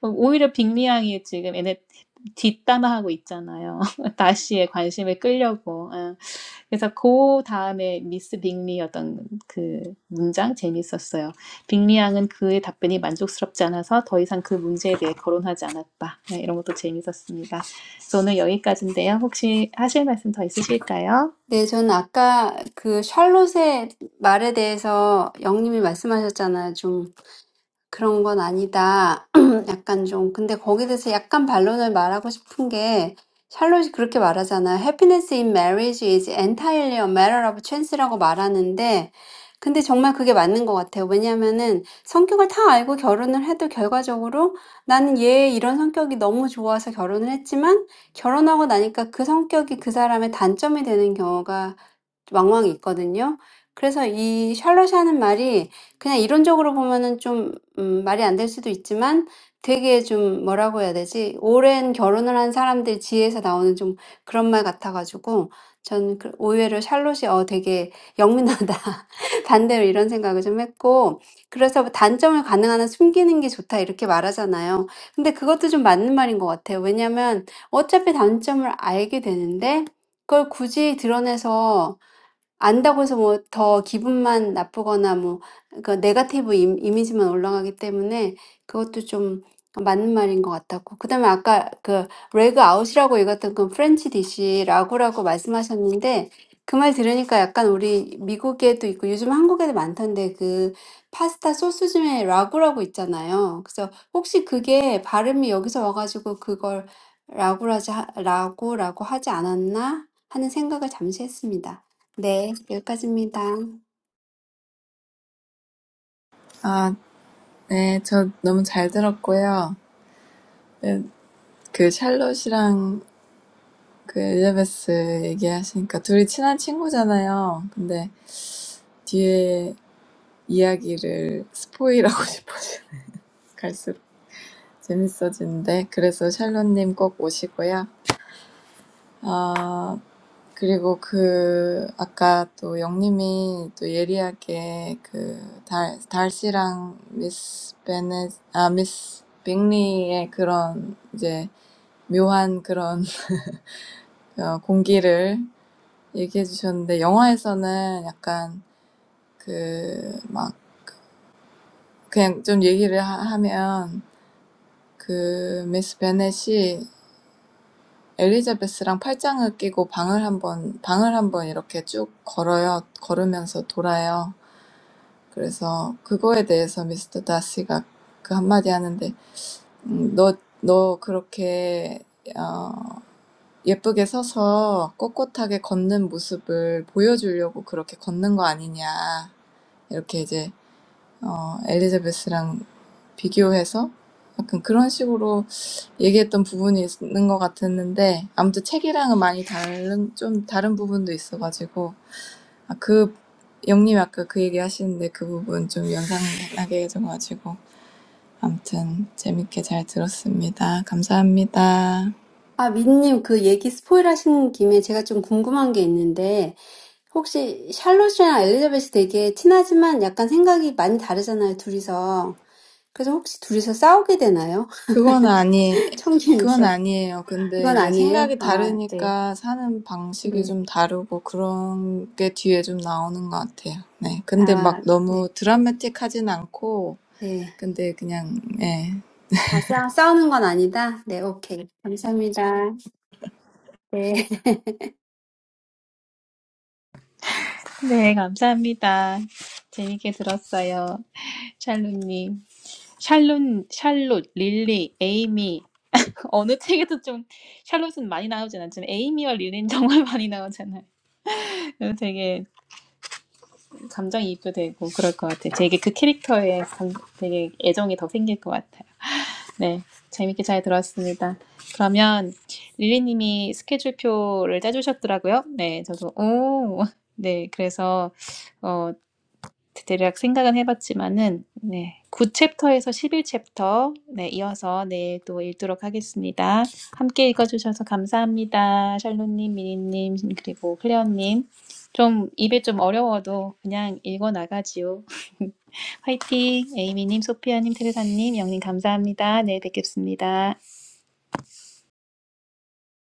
[SPEAKER 1] 오히려 빅리 양이 지금 얘네 뒷담화하고 있잖아요. <laughs> 다시의 관심을 끌려고. 예. 그래서 그 다음에 미스 빅리 어떤 그 문장 재밌었어요. 빅리 양은 그의 답변이 만족스럽지 않아서 더 이상 그 문제에 대해 거론하지 않았다. 예, 이런 것도 재밌었습니다. 그래서 오늘 여기까지인데요. 혹시 하실 말씀 더 있으실까요?
[SPEAKER 2] 네, 저는 아까 그 샬롯의 말에 대해서 영님이 말씀하셨잖아요. 좀 그런 건 아니다. <clears throat> 약간 좀. 근데 거기에 대해서 약간 반론을 말하고 싶은 게 샬롯이 그렇게 말하잖아요. Happiness in marriage is entirely a matter of chance라고 말하는데 근데 정말 그게 맞는 것 같아요. 왜냐하면은 성격을 다 알고 결혼을 해도 결과적으로 나는 얘 이런 성격이 너무 좋아서 결혼을 했지만 결혼하고 나니까 그 성격이 그 사람의 단점이 되는 경우가 왕왕 있거든요. 그래서 이 샬롯이 하는 말이 그냥 이론적으로 보면은 좀 음, 말이 안될 수도 있지만 되게 좀 뭐라고 해야 되지? 오랜 결혼을 한 사람들 지혜에서 나오는 좀 그런 말 같아가지고 전 그- 의외로 샬롯이 어 되게 영민하다. <laughs> 반대로 이런 생각을 좀 했고 그래서 단점을 가능한 한 숨기는 게 좋다 이렇게 말하잖아요. 근데 그것도 좀 맞는 말인 것 같아요. 왜냐면 어차피 단점을 알게 되는데 그걸 굳이 드러내서 안다고 해서 뭐더 기분만 나쁘거나 뭐 그러니까 네거티브 임- 이미지만 올라가기 때문에 그것도 좀 맞는 말인 것 같았고 그다음에 아까 그 레그 아웃이라고 읽었던 건 프렌치 디시 라구라고 말씀하셨는데 그말 들으니까 약간 우리 미국에도 있고 요즘 한국에도 많던데 그 파스타 소스 중에 라구라고 있잖아요. 그래서 혹시 그게 발음이 여기서 와가지고 그걸 라구라지 하- 라구라고 하지 않았나 하는 생각을 잠시 했습니다. 네, 여기까지입니다.
[SPEAKER 3] 아, 네, 저 너무 잘 들었고요. 네, 그 샬롯이랑 그 엘리자베스 얘기하시니까 둘이 친한 친구잖아요. 근데 뒤에 이야기를 스포일하고 <laughs> 싶어서 재밌어진대. 그래서 샬롯님 꼭 오시고요. 아, 그리고 그, 아까 또 영님이 또 예리하게 그 달, 달씨랑 미스 베네, 아, 미스 빅리의 그런 이제 묘한 그런 <laughs> 어, 공기를 얘기해 주셨는데 영화에서는 약간 그막 그냥 좀 얘기를 하, 하면 그 미스 베넷이 엘리자베스랑 팔짱을 끼고 방을 한번 방을 한번 이렇게 쭉 걸어요. 걸으면서 돌아요. 그래서 그거에 대해서 미스터 다시가 그 한마디 하는데 음, 너, 너 그렇게 어, 예쁘게 서서 꼿꼿하게 걷는 모습을 보여주려고 그렇게 걷는 거 아니냐. 이렇게 이제 어, 엘리자베스랑 비교해서 약간 그런 식으로 얘기했던 부분이 있는 것 같았는데 아무튼 책이랑은 많이 다른 좀 다른 부분도 있어가지고 아, 그 영님 아까 그 얘기 하시는데 그 부분 좀 연상나게 해줘가지고 아무튼 재밌게 잘 들었습니다. 감사합니다.
[SPEAKER 2] 아, 민님, 그 얘기 스포일 하신 김에 제가 좀 궁금한 게 있는데, 혹시 샬롯이랑 엘리자벳이 되게 친하지만 약간 생각이 많이 다르잖아요, 둘이서. 그래서 혹시 둘이서 싸우게 되나요?
[SPEAKER 3] 그건 아니,
[SPEAKER 2] <laughs> 청진,
[SPEAKER 3] 그건 아니에요. 근데
[SPEAKER 2] 그건
[SPEAKER 3] 이제
[SPEAKER 2] 아니에요?
[SPEAKER 3] 생각이
[SPEAKER 2] 아, 네,
[SPEAKER 3] 다르니까 사는 방식이
[SPEAKER 2] 네,
[SPEAKER 3] 좀 다르고 그런 게 뒤에 좀 나오는 것 같아요. 네. 근데 막
[SPEAKER 2] 아,
[SPEAKER 3] 너무
[SPEAKER 2] 네,
[SPEAKER 3] 드라마틱하진 않고,
[SPEAKER 2] 네.
[SPEAKER 3] 근데 그냥, 예.
[SPEAKER 2] 아, 싸, 싸우는 건 아니다? 네, 오케이. 감사합니다. 네.
[SPEAKER 1] 네, 감사합니다. 재밌게 들었어요. 샬롯님. 샬롯, 샬롯, 릴리, 에이미. 어느 책에도 좀 샬롯은 많이 나오진 않지만 에이미와 릴리는 <laughs> 정말 많이 나오잖아요. 그래서 되게 감정이입도 되고 그럴 것 같아요. 되게 그 캐릭터에 감- 되게 애정이 더 생길 것 같아요. 네, 재밌게 잘 들었습니다. 그러면 릴리님이 스케줄표를 짜주셨더라고요. 네, 저도 오, 네, 그래서 어, 대략 생각은 해봤지만은 네. 9챕터에서 11챕터 네, 이어서 내일 또 읽도록 하겠습니다. 함께 읽어주셔서 감사합니다. 샬롯님, 미니님, 그리고 클레어님. 좀 입에 좀 어려워도 그냥 읽어나가지요. <laughs> 화이팅! 에이미님, 소피아님, 테레사님, 영님 감사합니다. 내일 뵙겠습니다.